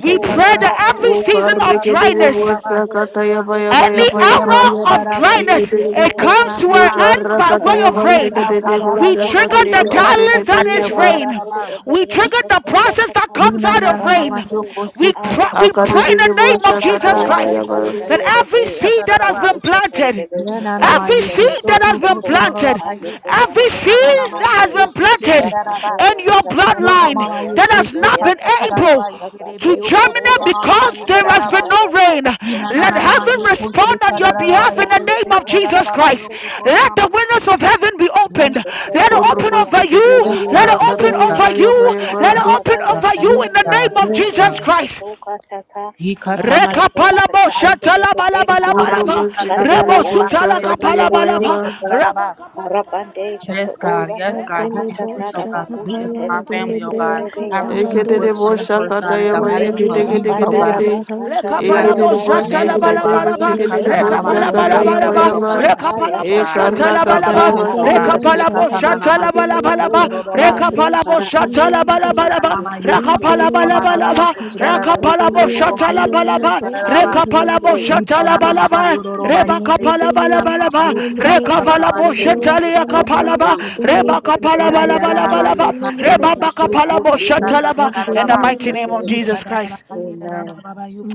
Speaker 1: We pray that every
Speaker 4: O
Speaker 1: season
Speaker 4: parre
Speaker 1: of
Speaker 4: ke dele
Speaker 1: dryness
Speaker 4: bosa kataya baya baya
Speaker 1: any
Speaker 4: baya baya.
Speaker 1: arrow of
Speaker 4: Amen.
Speaker 1: dryness,
Speaker 8: Satara
Speaker 1: it comes to an
Speaker 8: by
Speaker 1: end by way
Speaker 8: Thank
Speaker 1: of
Speaker 7: Ye
Speaker 1: rain.
Speaker 7: ta pa ba
Speaker 1: We
Speaker 7: ba yo
Speaker 1: trigger
Speaker 7: ko
Speaker 1: the
Speaker 7: se ta ta
Speaker 1: catalyst
Speaker 7: ta
Speaker 1: that
Speaker 7: ta
Speaker 1: is
Speaker 7: da da da
Speaker 1: rain.
Speaker 7: da ba.
Speaker 1: We trigger the process that
Speaker 7: yo yo
Speaker 1: comes out of
Speaker 7: yo yo
Speaker 1: rain.
Speaker 7: yo
Speaker 1: We,
Speaker 7: koshi kata
Speaker 1: cry,
Speaker 7: na
Speaker 1: we
Speaker 7: na
Speaker 1: pray
Speaker 7: ma yo
Speaker 1: in the name of
Speaker 7: kata da da
Speaker 1: Jesus
Speaker 7: da ba ye
Speaker 1: Christ
Speaker 7: de de yo
Speaker 1: that every
Speaker 7: koshi
Speaker 1: seed
Speaker 7: kata da
Speaker 1: that
Speaker 7: da
Speaker 1: has
Speaker 7: ba.
Speaker 1: been planted
Speaker 7: Ye na na ma
Speaker 1: Every
Speaker 7: yo ko
Speaker 1: seed
Speaker 7: to
Speaker 1: that has
Speaker 7: to
Speaker 1: been
Speaker 7: to to da da da
Speaker 1: planted,
Speaker 7: ba ye ke ke
Speaker 1: every
Speaker 7: to na na na
Speaker 1: seed
Speaker 7: ma
Speaker 1: that
Speaker 7: ye
Speaker 1: has
Speaker 7: ke
Speaker 1: been
Speaker 7: ke ke de
Speaker 1: planted
Speaker 7: da da ba.
Speaker 1: in your
Speaker 7: Yo na
Speaker 1: bloodline
Speaker 7: ma ma ye
Speaker 1: that
Speaker 7: ke
Speaker 1: has
Speaker 7: shi
Speaker 1: not been
Speaker 7: kata da da da ba
Speaker 1: able
Speaker 7: ye de de be
Speaker 1: to
Speaker 7: yo ko to
Speaker 1: germinate
Speaker 7: na na na ma
Speaker 1: because
Speaker 7: ye de
Speaker 1: there
Speaker 7: da
Speaker 1: has
Speaker 7: da
Speaker 1: been
Speaker 7: ba.
Speaker 1: no rain.
Speaker 7: Yina na
Speaker 1: Let
Speaker 7: na na ma
Speaker 1: heaven
Speaker 7: yo
Speaker 1: respond
Speaker 7: koshi
Speaker 1: on
Speaker 7: kata
Speaker 1: your
Speaker 7: da da da
Speaker 1: behalf
Speaker 7: ba ye
Speaker 1: in the
Speaker 7: koshi
Speaker 1: name of
Speaker 7: kata da
Speaker 1: Jesus
Speaker 7: da ba yo
Speaker 1: Christ.
Speaker 8: you.
Speaker 7: ko to na
Speaker 1: Let
Speaker 7: na
Speaker 1: the
Speaker 7: ma.
Speaker 1: windows of heaven be opened.
Speaker 7: Yes, God.
Speaker 1: Let it open
Speaker 8: Ashtotorebendea,
Speaker 1: over you.
Speaker 7: Yes,
Speaker 1: Let it
Speaker 7: God. Yes,
Speaker 1: open
Speaker 8: Rabayasate,
Speaker 1: over
Speaker 7: God.
Speaker 1: you. Let it
Speaker 7: Yes,
Speaker 1: open
Speaker 7: God.
Speaker 1: over you
Speaker 7: Yes,
Speaker 1: in
Speaker 8: Tatarababa-yasatori,
Speaker 1: the
Speaker 7: God.
Speaker 1: name of
Speaker 7: Yes,
Speaker 1: Jesus
Speaker 8: Enderebebe,
Speaker 7: God.
Speaker 1: Christ.
Speaker 8: Sotoka-tata,
Speaker 7: Yikatama
Speaker 1: Reka palabo
Speaker 8: Masoto-tata,
Speaker 7: yikatama
Speaker 1: shatala bala
Speaker 8: Andebebebe,
Speaker 1: bala
Speaker 7: yikatanama
Speaker 1: bala ba.
Speaker 8: Shata ba
Speaker 1: Rebo
Speaker 8: ya
Speaker 7: yikatatararaba
Speaker 1: sutala
Speaker 8: shata ra
Speaker 7: yiriri
Speaker 8: uke
Speaker 1: kapala
Speaker 8: de
Speaker 7: yuko
Speaker 8: de
Speaker 1: bala
Speaker 8: de
Speaker 1: ba.
Speaker 8: ya.
Speaker 1: Raba
Speaker 7: shikatararaba.
Speaker 1: kapala bala
Speaker 8: Arabande
Speaker 1: bala
Speaker 8: shata
Speaker 7: Yes,
Speaker 1: bala ba.
Speaker 8: o
Speaker 7: God.
Speaker 8: ya
Speaker 7: Yes,
Speaker 8: shata
Speaker 1: Reka
Speaker 7: God.
Speaker 8: a
Speaker 7: Give me
Speaker 1: palabo
Speaker 8: shata
Speaker 7: strength,
Speaker 8: da
Speaker 7: oh
Speaker 8: ba
Speaker 7: God, to
Speaker 1: shatala
Speaker 8: ku
Speaker 7: do this
Speaker 1: bala
Speaker 7: for
Speaker 8: shete
Speaker 1: bala
Speaker 7: my
Speaker 1: ba.
Speaker 8: be
Speaker 7: family, oh
Speaker 8: ete de
Speaker 7: God.
Speaker 1: Reka
Speaker 8: de be
Speaker 7: I
Speaker 8: ya
Speaker 1: palabo
Speaker 4: Amen.
Speaker 7: receive
Speaker 8: shata.
Speaker 7: what
Speaker 1: shatala
Speaker 7: plan
Speaker 1: bala
Speaker 8: Rake
Speaker 1: bala
Speaker 7: first, God,
Speaker 1: ba
Speaker 7: in
Speaker 8: shete
Speaker 7: the
Speaker 8: de be.
Speaker 7: mighty name
Speaker 1: ba
Speaker 7: of
Speaker 1: ba
Speaker 7: Jesus,
Speaker 1: ba
Speaker 7: oh
Speaker 8: Rabanda ra
Speaker 7: God.
Speaker 1: ba
Speaker 8: ba kasha
Speaker 7: God,
Speaker 8: tora
Speaker 7: help
Speaker 1: Rebo
Speaker 8: ba
Speaker 7: me to
Speaker 8: ya
Speaker 1: sutala
Speaker 7: manage, oh
Speaker 8: shato
Speaker 7: God.
Speaker 8: ende
Speaker 1: kapala rekapalabo bala rebosutalakapalabalaba
Speaker 8: de be.
Speaker 7: Shikatananama.
Speaker 1: rabakapalabalabalabalaba
Speaker 7: Give me the
Speaker 1: rekapalabo bala
Speaker 8: Rabonde
Speaker 1: bala
Speaker 8: shata
Speaker 7: resources,
Speaker 1: ba rekapalabalabalaba
Speaker 7: oh
Speaker 8: o
Speaker 1: rekapalabo
Speaker 7: God,
Speaker 1: shatalabalabalaba
Speaker 8: shata
Speaker 7: to
Speaker 8: a ya
Speaker 1: bala
Speaker 7: manage,
Speaker 1: ba
Speaker 7: God.
Speaker 8: shato ya.
Speaker 9: Rakapa
Speaker 1: shatalabalabalaba
Speaker 8: Na
Speaker 7: Abundance,
Speaker 8: a
Speaker 7: oh
Speaker 8: a
Speaker 7: God.
Speaker 9: Zibilian
Speaker 8: shato u
Speaker 1: Rakapalabo
Speaker 9: Talabes
Speaker 7: Shikatananama
Speaker 8: ende de de de
Speaker 9: Sibilia
Speaker 8: e
Speaker 1: Shatalabalabalaba,
Speaker 8: a shata
Speaker 7: yukututururuba.
Speaker 8: ya.
Speaker 9: Calabros
Speaker 1: Rekapalabo
Speaker 8: Para a shata
Speaker 9: Sibilian
Speaker 8: ra ba a
Speaker 1: Shatalabalabalaba,
Speaker 8: ya
Speaker 7: Yinanama
Speaker 8: shato ya ende
Speaker 9: Ridelia
Speaker 8: de de de
Speaker 9: della
Speaker 7: yikatararaba
Speaker 1: Rakapalabalabalaba,
Speaker 8: ko
Speaker 7: yirarara
Speaker 8: shato.
Speaker 9: Fidanza
Speaker 1: Rakapalabo
Speaker 9: Belia
Speaker 7: yukururuma
Speaker 8: Arabande ya
Speaker 9: Telele
Speaker 1: Shatalabalaba,
Speaker 8: shata a
Speaker 9: Boschia
Speaker 7: yikishitararaba.
Speaker 8: ya
Speaker 9: della
Speaker 1: Rekapalabo
Speaker 8: shato ya
Speaker 7: Good
Speaker 8: shato.
Speaker 9: Caposa
Speaker 1: Shatalabalaba,
Speaker 9: Nazibelia
Speaker 1: Rebakapalabalabalaba,
Speaker 9: Telele Boschia
Speaker 1: Rekavalabo
Speaker 8: Mashekerebe,
Speaker 9: Bella
Speaker 1: Shataliakapalaba,
Speaker 8: Ropote,
Speaker 9: Calabascia Belia
Speaker 8: Umberto
Speaker 9: Capade
Speaker 8: Ayakako,
Speaker 9: Belia
Speaker 1: Rebakapalabalabalabalaba,
Speaker 9: Telele
Speaker 8: Shatanda
Speaker 9: Boschia
Speaker 8: Baka,
Speaker 1: Rebabakapalabo
Speaker 8: Santoro,
Speaker 1: Shatalaba, in the
Speaker 9: Lucandelia
Speaker 1: mighty name
Speaker 9: della
Speaker 1: of Jesus Christ.
Speaker 8: Amen.
Speaker 9: Caposa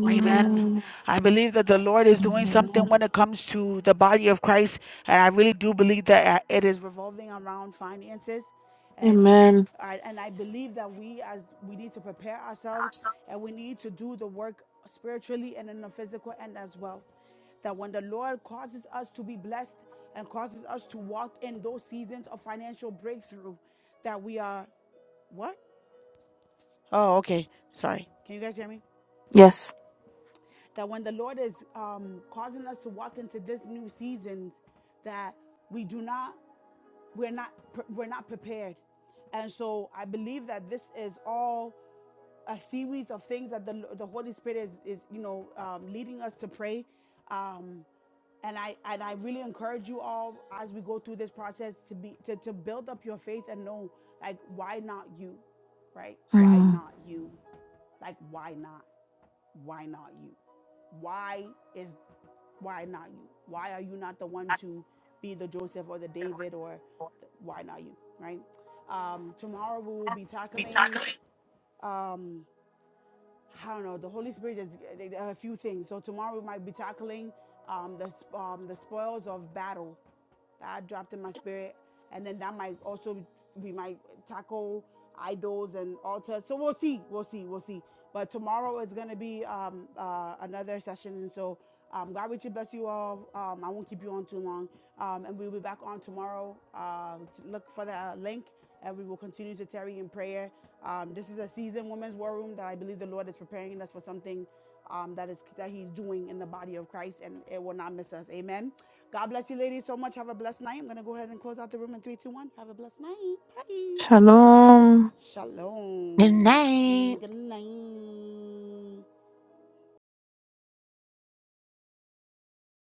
Speaker 1: Amen. I believe that the Lord is doing something when it comes to the body of Christ, and I really do believe that uh, it is revolving around finances, and I, and I believe that we as we need to prepare ourselves, and we need to do the work spiritually and in the physical end as well. That when the Lord causes us to be blessed and causes us to walk in those seasons of financial breakthrough, that we are what? Oh, okay. Sorry. Can you guys hear me? that when the Lord is um, causing us to walk into this new seasons, that we do not, we're not, we're not prepared. And so I believe that this is all a series of things that the, the Holy Spirit is, is you know, um, leading us to pray. Um, and I and I really encourage you all as we go through this process to be to, to build up your faith and know like why not you, right? Why
Speaker 4: Mm.
Speaker 1: not you? Like why not? why not you? Why is why not you? Why are you not the one to be the Joseph or the David or the, why not you? Right? Um, tomorrow we will be tackling. Um, I don't know. The Holy Spirit is a few things. So tomorrow we might be tackling um, the um, the spoils of battle that I dropped in my spirit. And then that might also we might tackle idols and altars. So we'll see, we'll see, we'll see. But tomorrow is gonna be um, uh, another session, and so um, God richly bless you all. Um, I won't keep you on too long, um, and we'll be back on tomorrow. Uh, look for the uh, link, and we will continue to tarry in prayer. Um, this is a season, women's war room, that I believe the Lord is preparing us for something um, that is that he's doing in the body of Christ, and it will not miss us. Amen. God bless you, ladies, so much. Have a blessed night. I'm gonna go ahead and close out the room in three, two, one. Have a blessed night. Bye.
Speaker 4: Shalom.
Speaker 1: Shalom.
Speaker 7: night.
Speaker 1: Mm, good night.